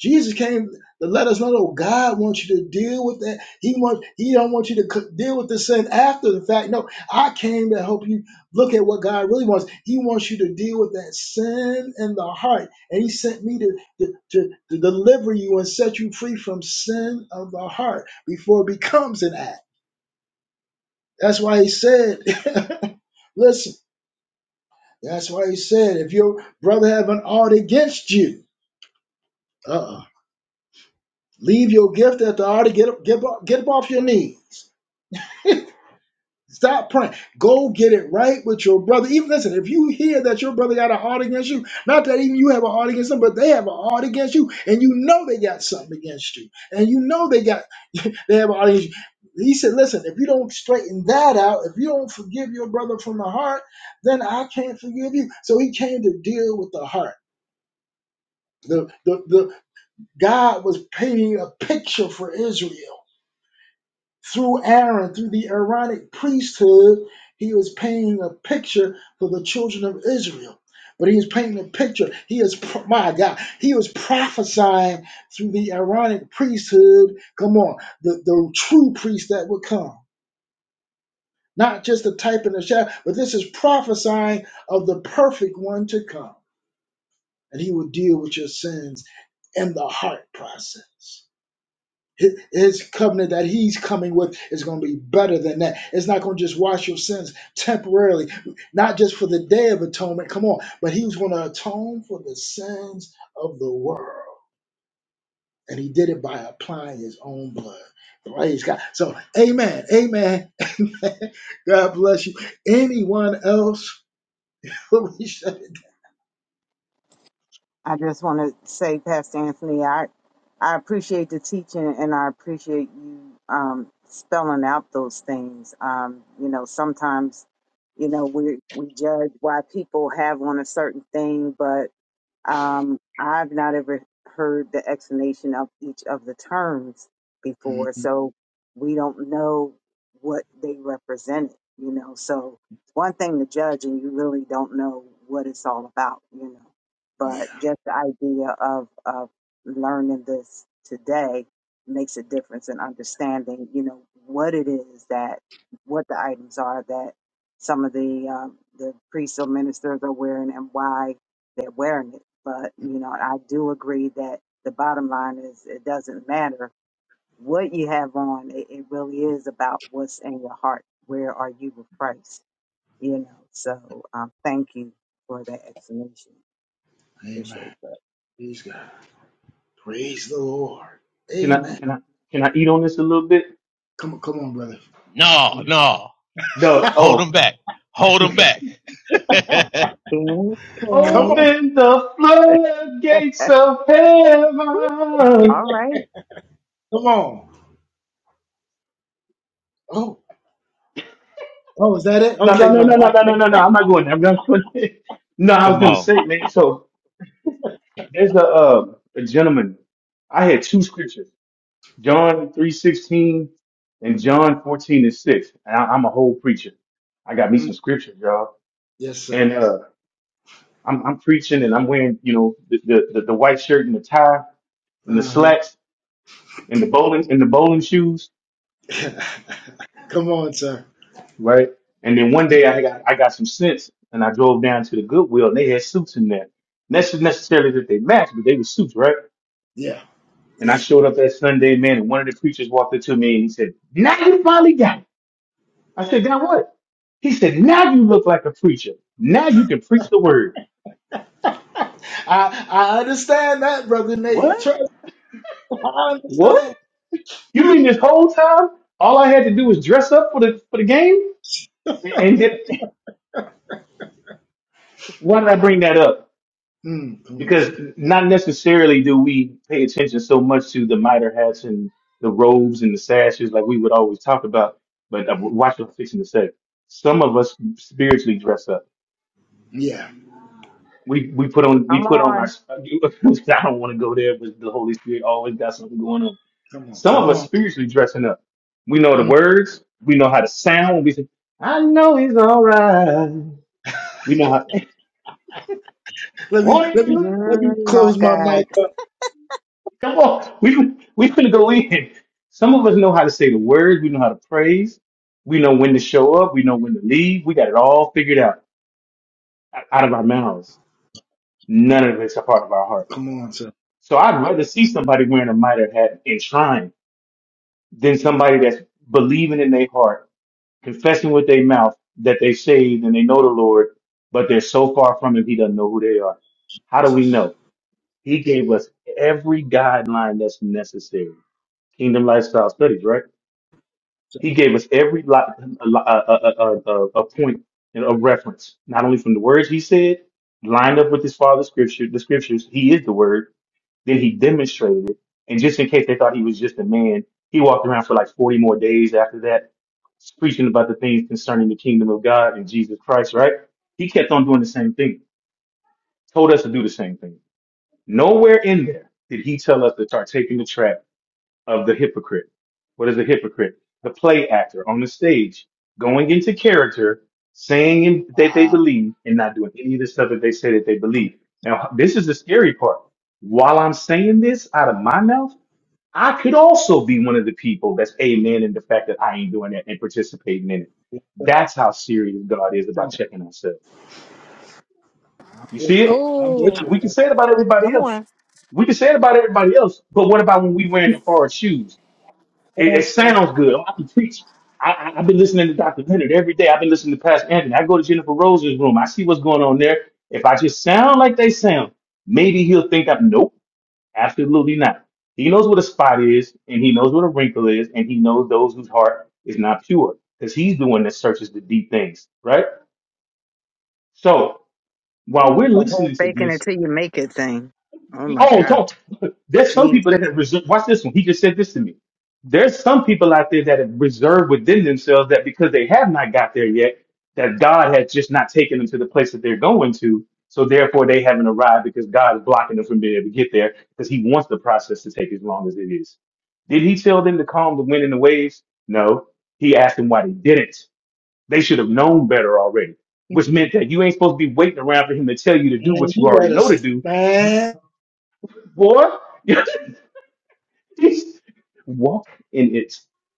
Speaker 1: Jesus came to let us know, oh, God wants you to deal with that. He wants He don't want you to co- deal with the sin after the fact. No, I came to help you look at what God really wants. He wants you to deal with that sin in the heart, and He sent me to to, to, to deliver you and set you free from sin of the heart before it becomes an act. That's why he said, listen, that's why he said, if your brother have an art against you, uh-uh, leave your gift at the altar, get up, get up, get up off your knees. Stop praying. Go get it right with your brother. Even listen, if you hear that your brother got a heart against you, not that even you have a heart against them, but they have a heart against you, and you know they got something against you, and you know they got they have a heart against you. He said, "Listen, if you don't straighten that out, if you don't forgive your brother from the heart, then I can't forgive you." So he came to deal with the heart. The the the God was painting a picture for Israel through Aaron, through the Aaronic priesthood, he was painting a picture for the children of Israel. But he was painting a picture. He is, my God, he was prophesying through the Aaronic priesthood. Come on, the, the true priest that would come. Not just the type and the shadow, but this is prophesying of the perfect one to come. And he will deal with your sins in the heart process. Hi- His covenant that he's coming with is going to be better than that. It's not going to just wash your sins temporarily, not just for the day of atonement. Come on, but he was going to atone for the sins of the world, and he did it by applying his own blood. Praise God. So, Amen, Amen, Amen. God bless you. Anyone else? We shut it.
Speaker 5: I just want to say, Pastor Anthony, I I appreciate the teaching and I appreciate you um, spelling out those things. Um, you know, sometimes, you know, we we judge why people have on a certain thing, but Um, I've not ever heard the explanation of each of the terms
Speaker 1: Mm,
Speaker 5: before, so we don't know what they represented, you know. So it's one thing to judge and you really don't know what it's all about, you know.
Speaker 1: Yeah,
Speaker 5: But just the idea of, of learning this today makes a difference in understanding, you know, what it is that, what the items are that some of the um, the priests or ministers are wearing and why that wearing it. But you know, I do agree that the bottom line is it doesn't matter what you have on. It, it really is about what's in your heart. Where are you with Christ? You know. So um, thank you for that explanation. Appreciate
Speaker 1: Amen.
Speaker 5: that.
Speaker 1: Praise God. Praise the Lord.
Speaker 2: Can I,
Speaker 1: Amen.
Speaker 2: can I, can I eat on this a little bit?
Speaker 1: Come on, come on, brother.
Speaker 6: no no
Speaker 2: No,
Speaker 6: hold them
Speaker 2: oh,
Speaker 6: back hold them back
Speaker 1: Come on,
Speaker 2: open the floodgates of heaven.
Speaker 5: Oh,
Speaker 1: come on. Oh. Oh, is that it?
Speaker 2: No, no,
Speaker 1: Okay,
Speaker 2: no,
Speaker 1: brother.
Speaker 2: no, no,
Speaker 1: I-
Speaker 2: no, no, no, no. I'm not going there. I'm not going there. No, I was
Speaker 6: come
Speaker 2: going to
Speaker 6: on
Speaker 2: say, man. So there's a uh, a gentleman. I had two scriptures, John three sixteen and
Speaker 1: Mm,
Speaker 2: John fourteen and six. And I, I'm a whole preacher. I got me
Speaker 1: mm,
Speaker 2: some scriptures, y'all.
Speaker 1: Yes, sir.
Speaker 2: And uh, I'm I'm preaching, and I'm wearing, you know, the the, the, the white shirt and the tie and the
Speaker 1: Uh
Speaker 2: slacks and the bowling and the bowling shoes
Speaker 1: huh. Come on, sir.
Speaker 2: right? And then one
Speaker 1: Come.
Speaker 2: day I got I got some sense and I drove down to the Goodwill and they had suits in there. And that's Not necessarily that they matched, but they were suits, right?
Speaker 1: Yeah,
Speaker 2: And I
Speaker 1: yeah.
Speaker 2: showed up that Sunday, man, and one of the preachers walked up to me and he said, Now you finally got it. I said, Now what? He said, Now you look like a preacher. Now you can preach the word.
Speaker 1: I I understand that, brother Nate.
Speaker 2: What?
Speaker 1: Trust me, I
Speaker 2: What?
Speaker 1: understand.
Speaker 2: You mean this whole time all I had to do was dress up for the for the game? And, and yet- why did I bring that up?
Speaker 1: Mm, come on,
Speaker 2: because
Speaker 1: sir.
Speaker 2: not necessarily do we pay attention so much to the miter hats and the robes and the sashes like we would always talk about. But uh,
Speaker 1: Mm,
Speaker 2: watch what I'm fixing to say. Some of us spiritually dress up.
Speaker 1: yeah.
Speaker 2: We we put on
Speaker 5: I'm
Speaker 2: we put on our.
Speaker 5: on.
Speaker 2: I don't want to go there, but the Holy Spirit always got something going on.
Speaker 1: Come on.
Speaker 2: Some
Speaker 1: Come
Speaker 2: of us
Speaker 1: on.
Speaker 2: spiritually dressing up. We know the
Speaker 1: Mm.
Speaker 2: words. We know how to sound. We say, "I know he's all right." We know how.
Speaker 1: Let me let me
Speaker 2: What?
Speaker 1: let
Speaker 5: Mm,
Speaker 1: me
Speaker 5: my
Speaker 1: close my
Speaker 5: God,
Speaker 1: mic up.
Speaker 2: Come on, we we finna go in. Some of us know how to say the words. We know how to praise. We know when to show up. We know when to leave. We got it all figured out o- out of our mouths. None of it's a part of our heart.
Speaker 1: Come on, sir.
Speaker 2: So I'd rather see somebody wearing a mitre hat and shrine than somebody that's believing in their heart, confessing with their mouth that they saved and they know the Lord, but they're so far from Him, He doesn't know who they are. How do we
Speaker 1: Jesus.
Speaker 2: know? He gave us every guideline that's necessary. Kingdom lifestyle studies, right? He gave us every li a, li- a, a, a, a, a point of reference, not only from the words he said, lined up with his father's scripture, the scriptures. He is the word. Then he demonstrated it. And just in case they thought he was just a man, he walked around for like 40 more days after that, preaching about the things concerning the kingdom of God and Jesus Christ, right? He kept on doing the same thing, told us to do the same thing. Nowhere in there did he tell us to start taking the trap of the hypocrite. What is a hypocrite? The play actor on the stage going into character, saying that they
Speaker 1: Wow.
Speaker 2: believe and not doing any of the stuff that they say that they
Speaker 1: Come
Speaker 2: believe. Now, this is the scary part. While I'm saying this out of my mouth, I could also be one of the people that's amen in the fact that I ain't doing it and participating in it.
Speaker 1: on.
Speaker 2: That's how serious God
Speaker 1: Yes,
Speaker 2: is
Speaker 1: sir.
Speaker 2: about checking ourselves.
Speaker 1: I'm
Speaker 2: You
Speaker 1: with
Speaker 2: see it?
Speaker 1: I'm with
Speaker 7: Oh,
Speaker 1: you.
Speaker 2: We can
Speaker 1: sir.
Speaker 2: say it about everybody
Speaker 7: Come
Speaker 2: else.
Speaker 7: on.
Speaker 2: We can say it about everybody else, but what about when we wearing the hard shoes?
Speaker 1: Come
Speaker 2: It, it
Speaker 1: on, sir.
Speaker 2: sounds good. I can preach. I, I, I've been listening to Dr. Leonard every day. I've been listening to Pastor Anthony. I go to Jennifer Rose's room. I see what's going on there. If I just sound like they sound, maybe he'll think I'm. Nope, absolutely not. He knows what a spot is, and he knows what a wrinkle is, and he knows those whose heart is not pure, because he's the one that searches the deep things, right? So while
Speaker 5: Ooh,
Speaker 2: we're
Speaker 5: the whole
Speaker 2: listening to
Speaker 5: faking
Speaker 2: this,
Speaker 5: it till you make it thing. Oh my
Speaker 2: Oh,
Speaker 5: God,
Speaker 2: don't. There's some people that
Speaker 5: Jesus,
Speaker 2: have reserved. Watch this one. He just said this to me. There's some people out there that have reserved within themselves that because they have not got there yet, that God has just not taken them to the place that they're going to. So therefore, they haven't arrived because God is blocking them from being able to get there because He wants the process to take as long as it is. Did He tell them to calm the wind and the waves? No. He asked them why they didn't. They should have known better already, which meant that you ain't supposed to be waiting around for Him to tell you to do
Speaker 1: Man,
Speaker 2: what you
Speaker 1: you
Speaker 2: already
Speaker 1: better
Speaker 2: know to
Speaker 1: st-
Speaker 2: do
Speaker 1: man.
Speaker 2: boy. Walk in it.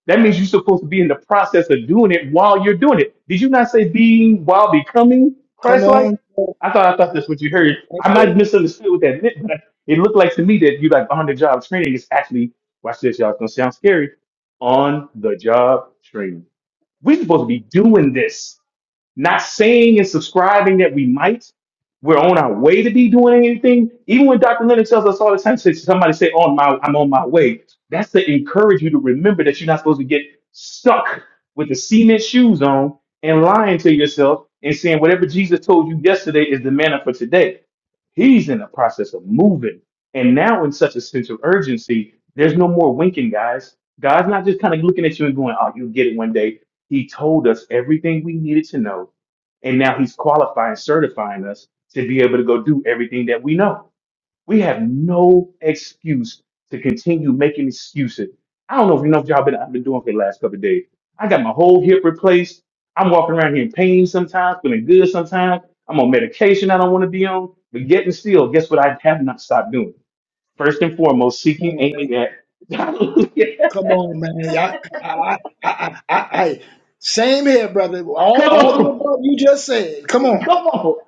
Speaker 2: That means you're supposed to be in the process of doing it while you're doing it. Did you not say being while becoming
Speaker 1: Come
Speaker 2: Christ-like?
Speaker 1: on, sir.
Speaker 2: I thought I thought that's what you heard.
Speaker 1: That's
Speaker 2: I might have
Speaker 1: it.
Speaker 2: misunderstood what that meant, but I- it looked like to me that you like on the job training is actually watch this, y'all. It's gonna sound scary. On the job training. We're supposed to be doing this. Not saying and subscribing that we might. We're on our way to be doing anything. Even when Dr. Lennox tells us all the time, says somebody say, "On my, I'm on my way." That's to encourage you to remember that you're not supposed to get stuck with the cement shoes on and lying to yourself and saying whatever Jesus told you yesterday is the manna for today. He's in the process of moving, and now in such a sense of urgency, there's no more winking, guys. God's not just kind of looking at you and going, "Oh, you'll get it one day." He told us everything we needed to know, and now he's qualifying, certifying us to be able to go do everything that we know. We have no excuse to continue making excuses. I don't know if you know what y'all been I've been doing for the last couple of days. I got my whole hip replaced. I'm walking around here in pain sometimes, feeling good sometimes. I'm on medication I don't want to be on. But yet and still, guess what I have not stopped doing? First and foremost,
Speaker 1: Come
Speaker 2: seeking,
Speaker 1: on, Nate.
Speaker 2: aiming at.
Speaker 1: Come on, man. Yeah, I, I, I, I, I, I- same here, brother. All,
Speaker 2: Come
Speaker 1: all the
Speaker 2: on.
Speaker 1: above you just said. Come on.
Speaker 2: Come on.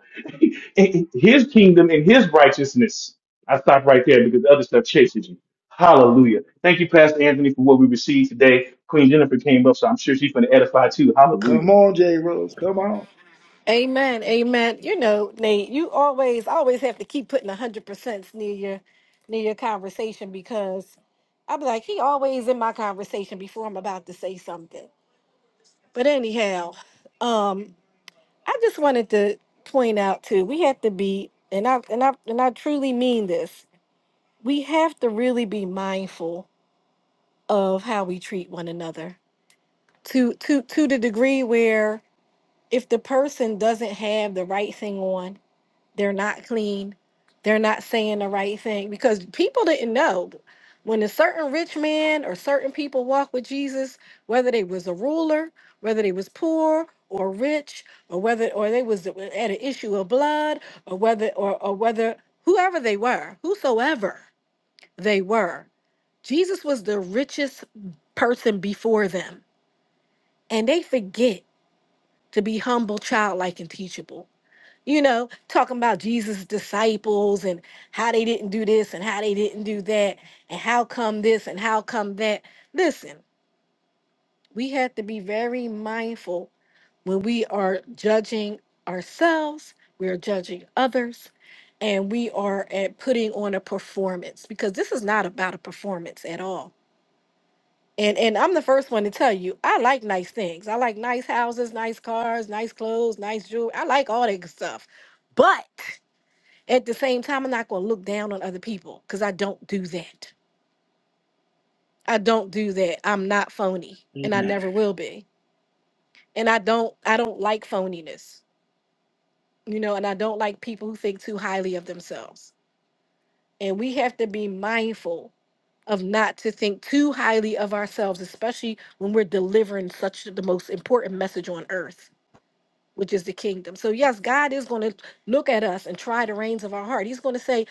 Speaker 2: His kingdom and his righteousness. I stop right there because the other stuff chases you. Hallelujah. Thank you, Pastor Anthony, for what we received today. Queen Jennifer came up, so I'm sure she's going to edify too. Hallelujah.
Speaker 1: Come on, Jay Rose. Come on.
Speaker 7: amen, amen. You know, Nate, you always always have to keep putting a hundred percent near your near your conversation because i be like, he always in my conversation before I'm about to say something. But anyhow, um, I just wanted to point out too, we have to be, and I and I and I truly mean this. We have to really be mindful of how we treat one another to to to the degree where if the person doesn't have the right thing on, they're not clean, they're not saying the right thing because people didn't know when a certain rich man or certain people walked with Jesus, whether they was a ruler, whether they was poor or rich, or whether or they was at an issue of blood, or whether or, or whether whoever they were, whosoever they were, Jesus was the richest person before them. And they forget to be humble, childlike, and teachable you know, talking about Jesus' disciples and how they didn't do this and how they didn't do that and how come this and how come that. Listen, we have to be very mindful when we are judging ourselves, we are judging others, and we are at putting on a performance because this is not about a performance at all. And and I'm the first one to tell you, I like nice things. I like nice houses, nice cars, nice clothes, nice jewelry. I like all that good stuff. But at the same time, I'm not going to look down on other people because I don't do that. I don't do that. I'm not phony, and I
Speaker 1: Amen.
Speaker 7: never will be. And I don't, I don't like phoniness, you know. And I don't like people who think too highly of themselves. And we have to be mindful of not to think too highly of ourselves, especially when we're delivering such the most important message on earth, which is the kingdom. So yes, God is going to look at us and try the reins of our heart. He's going to say,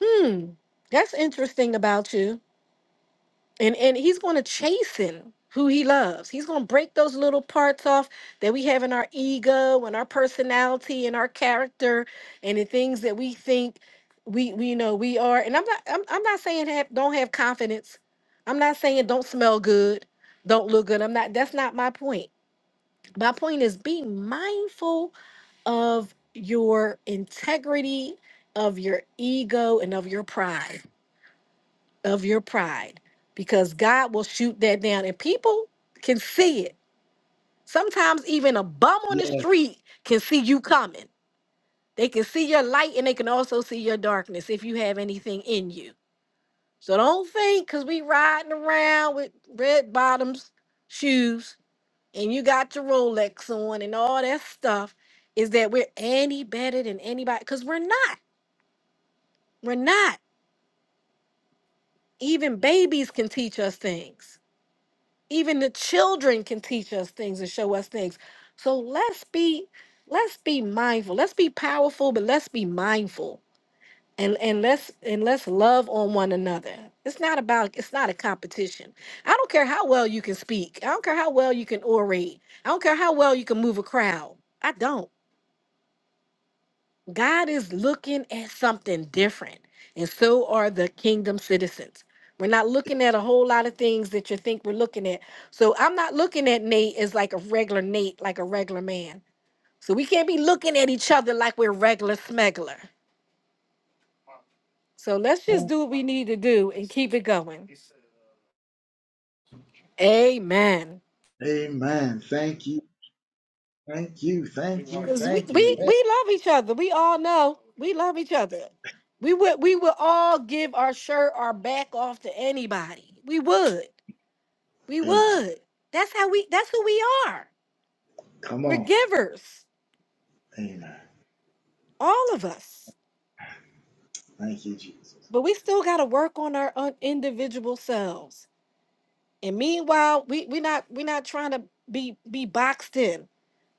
Speaker 7: "Hmm, that's interesting about you." and and he's going to chasten who he loves he's going to break those little parts off that we have in our ego and our personality and our character and the things that we think we we know we are and i'm not i'm, I'm not saying have, don't have confidence i'm not saying don't smell good don't look good i'm not that's not my point my point is be mindful of your integrity of your ego and of your pride of your pride because God will shoot that down and people can see it. Sometimes even a bum on the
Speaker 1: Yeah.
Speaker 7: street can see you coming. They can see your light and they can also see your darkness if you have anything in you. So don't think because we riding around with red bottoms, shoes, and you got your Rolex on and all that stuff is that we're any better than anybody because we're not. We're not. Even babies can teach us things even the children can teach us things and show us things so let's be let's be mindful let's be powerful but let's be mindful and and let's and let's love on one another it's not about it's not a competition i don't care how well you can speak i don't care how well you can orate i don't care how well you can move a crowd i don't God is looking at something different, and so are the kingdom citizens. We're not looking at a whole lot of things that you think we're looking at. So I'm not looking at Nate as like a regular Nate, like a regular man. So we can't be looking at each other like we're regular smuggler. So let's just do what we need to do and keep it going. Amen.
Speaker 1: Amen. Thank you. Thank you. Thank you.
Speaker 7: Because we,
Speaker 1: Thank
Speaker 7: we,
Speaker 1: you. Yeah.
Speaker 7: we love each other. We all know we love each other. We would we would all give our shirt, our back off to anybody. We would. We
Speaker 1: Amen.
Speaker 7: would. That's how we that's who we are.
Speaker 1: Come
Speaker 7: We're
Speaker 1: on.
Speaker 7: givers,
Speaker 1: Amen.
Speaker 7: all of us.
Speaker 1: Thank you, Jesus.
Speaker 7: But we still gotta work on our un- individual selves. And meanwhile, we we not we not trying to be be boxed in.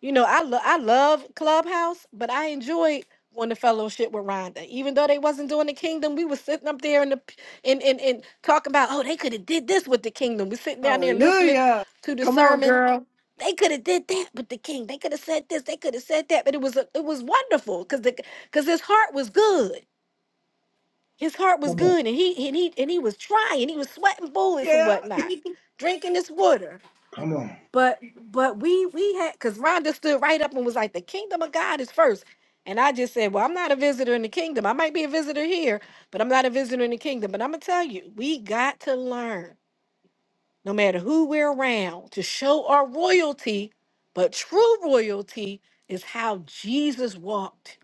Speaker 7: You know, I lo- I love Clubhouse, but I enjoyed going to fellowship with Rhonda. Even though they wasn't doing the kingdom, we was sitting up there in the p- and and, and talking about, oh, they could have did this with the kingdom. we sitting down there listening
Speaker 3: Hallelujah.
Speaker 7: to the
Speaker 3: Come on,
Speaker 7: sermon.
Speaker 3: girl.
Speaker 7: they could have did that with the king. They could have said this. They could have said that. But it was a, it was wonderful because the because his heart was good. His heart was
Speaker 1: Come on.
Speaker 7: good, and he and he and he was trying. He was sweating bullets and
Speaker 3: Yeah.
Speaker 7: whatnot, drinking this water.
Speaker 1: Come on.
Speaker 7: But but we we had because Rhonda stood right up and was like, "The kingdom of God is first. And I just said, "Well, I'm not a visitor in the kingdom. I might be a visitor here, but I'm not a visitor in the kingdom." But I'm gonna tell you, we got to learn no matter who we're around, to show our royalty. But true royalty is how Jesus walked.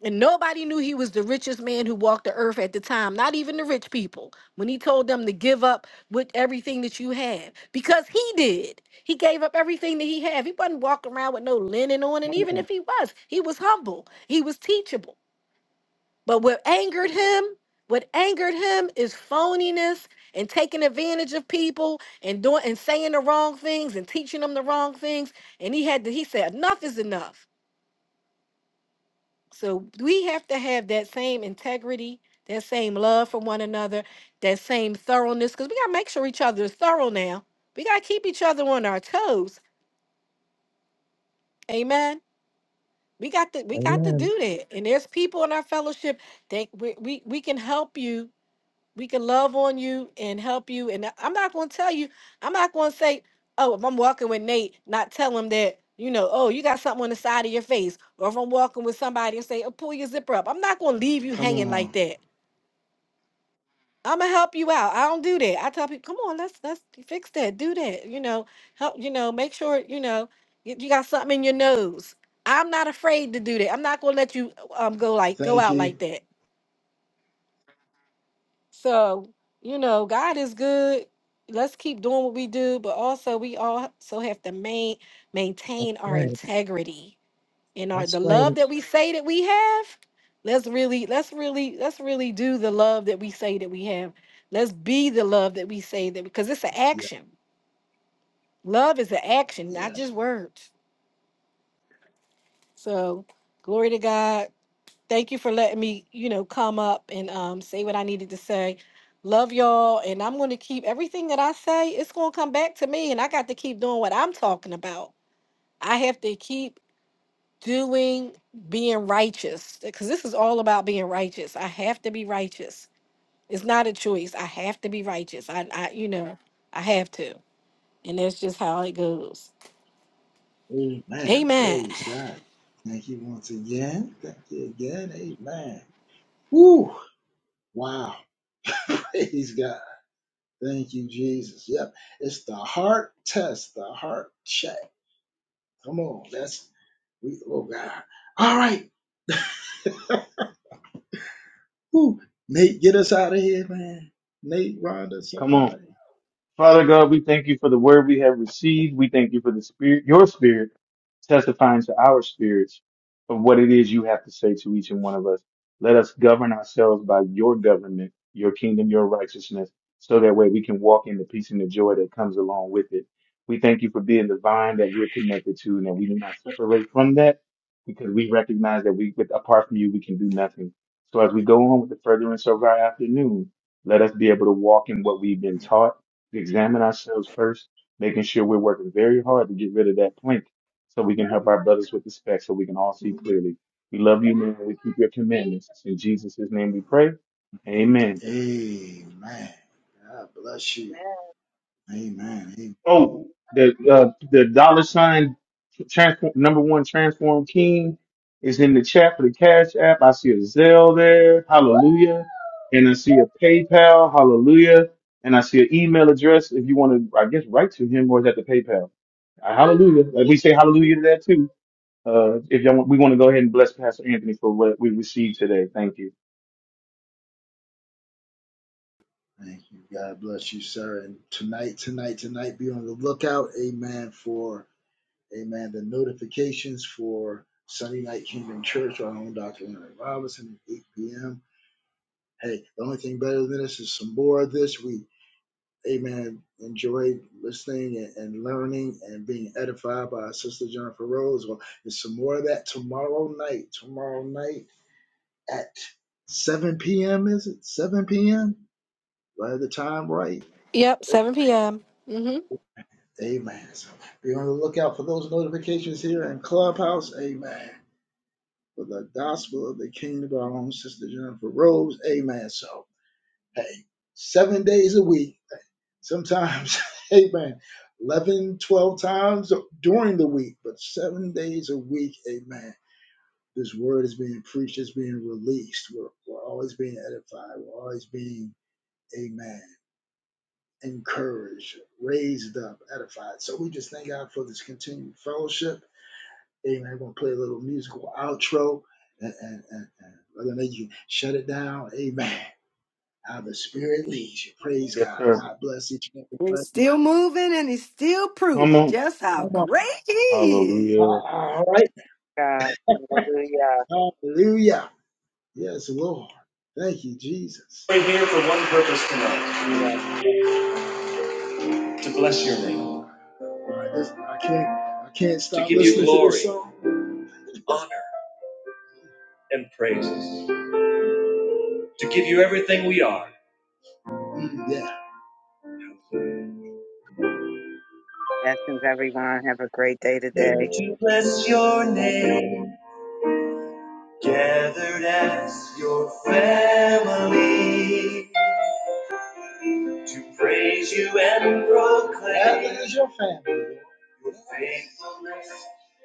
Speaker 7: And nobody knew he was the richest man who walked the earth at the time, not even the rich people, when he told them to give up with everything that you have. Because he did. He gave up everything that he had. He wasn't walking around with no linen on. And
Speaker 1: Come on.
Speaker 7: even if he was, he was humble, he was teachable. But what angered him, what angered him is phoniness and taking advantage of people and doing and saying the wrong things and teaching them the wrong things. And he had to, he said, enough is enough. So we have to have that same integrity, that same love for one another, that same thoroughness, because we gotta make sure each other is thorough now. We gotta keep each other on our toes. Amen. We got to we got to
Speaker 4: Amen.
Speaker 7: do that. And there's people in our fellowship that we, we, we can help you we can love on you and help you. And I- I'm not going to tell you, I'm not going to say, oh, if I'm walking with Nate, not tell him that, you know, oh, you got something on the side of your face. Or if I'm walking with somebody and say, oh, pull your zipper up. I'm not going to leave you
Speaker 1: Come
Speaker 7: hanging like
Speaker 1: on.
Speaker 7: that. I'm gonna help you out. I don't do that. I tell people, come on, let's let's fix that. Do that. You know, help. You know, make sure you know you, you got something in your nose. I'm not afraid to do that. I'm not gonna let you um go like go
Speaker 1: Thank
Speaker 7: out like
Speaker 1: you.
Speaker 7: that. So, you know, God is good. Let's keep doing what we do, but also we also have to main, maintain
Speaker 4: All
Speaker 7: our
Speaker 4: Right.
Speaker 7: integrity and our
Speaker 4: That's
Speaker 7: the
Speaker 4: right.
Speaker 7: love that we say that we have. Let's really, let's really, let's really do the love that we say that we have. Let's be the love that we say that because it's an
Speaker 1: Yeah.
Speaker 7: action. Love is an action, not
Speaker 1: Yes.
Speaker 7: just words. So, glory to God. Thank you for letting me, you know, come up and um, say what I needed to say. Love y'all, and I'm going to keep everything that I say. It's going to come back to me, and I got to keep doing what I'm talking about. I have to keep doing being righteous because this is all about being righteous. I have to be righteous. It's not a choice. I have to be righteous. I, I you know, I have to, and that's just how it goes.
Speaker 1: Amen.
Speaker 7: Amen.
Speaker 1: Praise God. Thank you once again. Thank you again. Amen. Woo. Wow. Praise God. Thank you, Jesus. Yep. It's the heart test, the heart check. Come on. That's we oh God. All right. Woo. Nate, get us out of here, man. Nate, Rhonda,
Speaker 2: Come on.
Speaker 1: somebody.
Speaker 2: Father God, we thank you for the word we have received. We thank you for the spirit, your spirit testifying to our spirits of what it is you have to say to each and one of us. Let us govern ourselves by your government, your kingdom, your righteousness, so that way we can walk in the peace and the joy that comes along with it. We thank you for being the vine that we're connected to and that we do not separate from that because we recognize that we, with, apart from you, we can do nothing. So as we go on with the furtherance of our afternoon, let us be able to walk in what we've been taught to examine ourselves first, making sure we're working very hard to get rid of that plank so we can help our brothers with the speck, so we can all see clearly. We love you, man. We keep your commandments. In Jesus' name we pray. Amen.
Speaker 1: Amen. God bless you. Amen. Amen.
Speaker 2: Oh, the uh, the dollar sign transform, number one transform king is in the chat for the Cash App. I see a Zelle there, hallelujah, and I see a PayPal, hallelujah, and I see an email address if you want to, I guess, write to him or is that the PayPal? Uh, hallelujah. Uh, We say hallelujah to that too. Uh, if y'all want, we want to go ahead and bless Pastor Anthony for what we received today. Thank you.
Speaker 1: Thank you. God bless you, sir. And tonight, tonight, tonight, be on the lookout, amen, for amen, the notifications for Sunday Night Kingdom Church, our own Dr. Henry Robinson at 8 p.m. Hey, the only thing better than this is some more of this. We, amen, enjoyed listening and, and learning and being edified by our sister Jennifer Rose. Well, there's some more of that tomorrow night. Tomorrow night at 7 p.m., is it? 7 p.m.? Do I have the time right?
Speaker 7: Yep, 7 p.m. Mhm.
Speaker 1: Amen. So be on the lookout for those notifications here in Clubhouse. Amen. For the gospel of the kingdom of our own sister Jennifer Rose. Amen. So, hey, seven days a week. sometimes, amen, 11, 12 times during the week, but seven days a week, amen. This word is being preached, it's being released. We're, we're always being edified, we're always being, amen, encouraged, raised up, edified. So we just thank God for this continued fellowship. Amen. We're going to play a little musical outro and, and, and, and whether or not you can shut it down, amen. How the Spirit leads you. Praise
Speaker 2: Yes,
Speaker 1: God.
Speaker 2: sir.
Speaker 1: God bless each and every one
Speaker 3: He's
Speaker 1: of you.
Speaker 3: still moving and he's still
Speaker 2: Come
Speaker 3: proving
Speaker 2: on.
Speaker 3: just how great he is.
Speaker 2: Hallelujah.
Speaker 1: All right.
Speaker 5: God, Hallelujah.
Speaker 1: Hallelujah. Yes, Lord. Thank you, Jesus. We're here for one purpose tonight to bless your name, All right, this, I can't I can't stop. to give you listening to this glory, song. honor, and praises, to give you everything we are. Mm, yeah.
Speaker 5: Blessings, everyone. Have a great day
Speaker 1: Here
Speaker 5: today.
Speaker 1: to bless your
Speaker 5: We love you.
Speaker 1: name, gathered as your family, to praise you and proclaim. Gathered as your family. your faithfulness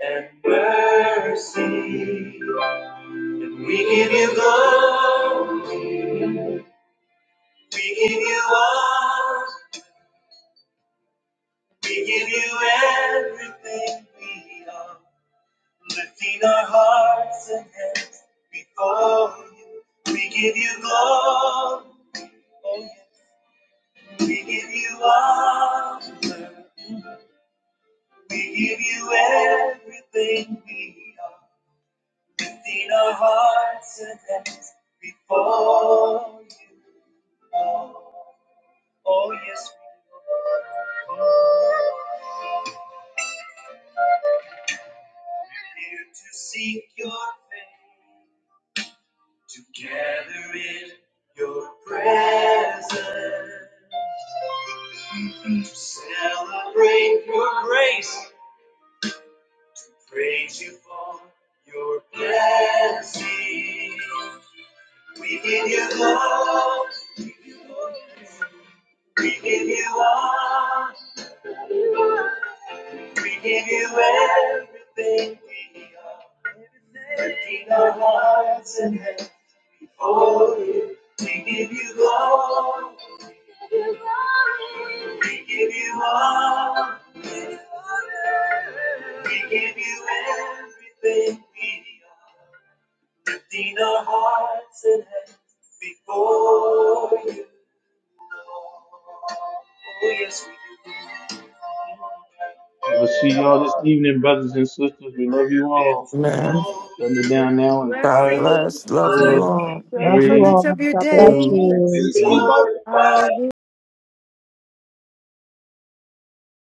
Speaker 1: and mercy. And we give you glory, we give you honor, we give you everything we are. Lifting our hearts and hands before you, we give you glory, oh yes. we give you honor, we give you everything we are. Lifting our hearts and hands before you. oh. Oh, yes, we do. Here to seek your face, to gather in your presence, to celebrate your grace, to praise you for your blessing. We give you love, we give you all. We give you everything we are, lifting our hearts and hands before you. We give you glory, we give you honor, we give you everything we are, lifting our hearts and hands before you. Oh, yes, we do.
Speaker 2: We'll see
Speaker 1: Come
Speaker 2: y'all this
Speaker 1: on.
Speaker 2: evening, brothers and sisters. We
Speaker 1: We're
Speaker 2: love
Speaker 1: There
Speaker 2: you
Speaker 1: is
Speaker 2: all.
Speaker 8: Amen.
Speaker 2: Shutting it down now in
Speaker 8: God
Speaker 2: five,
Speaker 3: Blessings.
Speaker 8: bless.
Speaker 1: no one
Speaker 8: Love
Speaker 1: like
Speaker 8: you
Speaker 2: four,
Speaker 8: all.
Speaker 3: Enjoy the
Speaker 4: Love you
Speaker 3: furtherance
Speaker 2: three,
Speaker 4: all.
Speaker 3: of your
Speaker 4: God bless
Speaker 1: you. There's
Speaker 2: two,
Speaker 3: day.
Speaker 1: none
Speaker 4: you.
Speaker 1: to
Speaker 2: one.
Speaker 1: glorify.
Speaker 3: Hallelujah.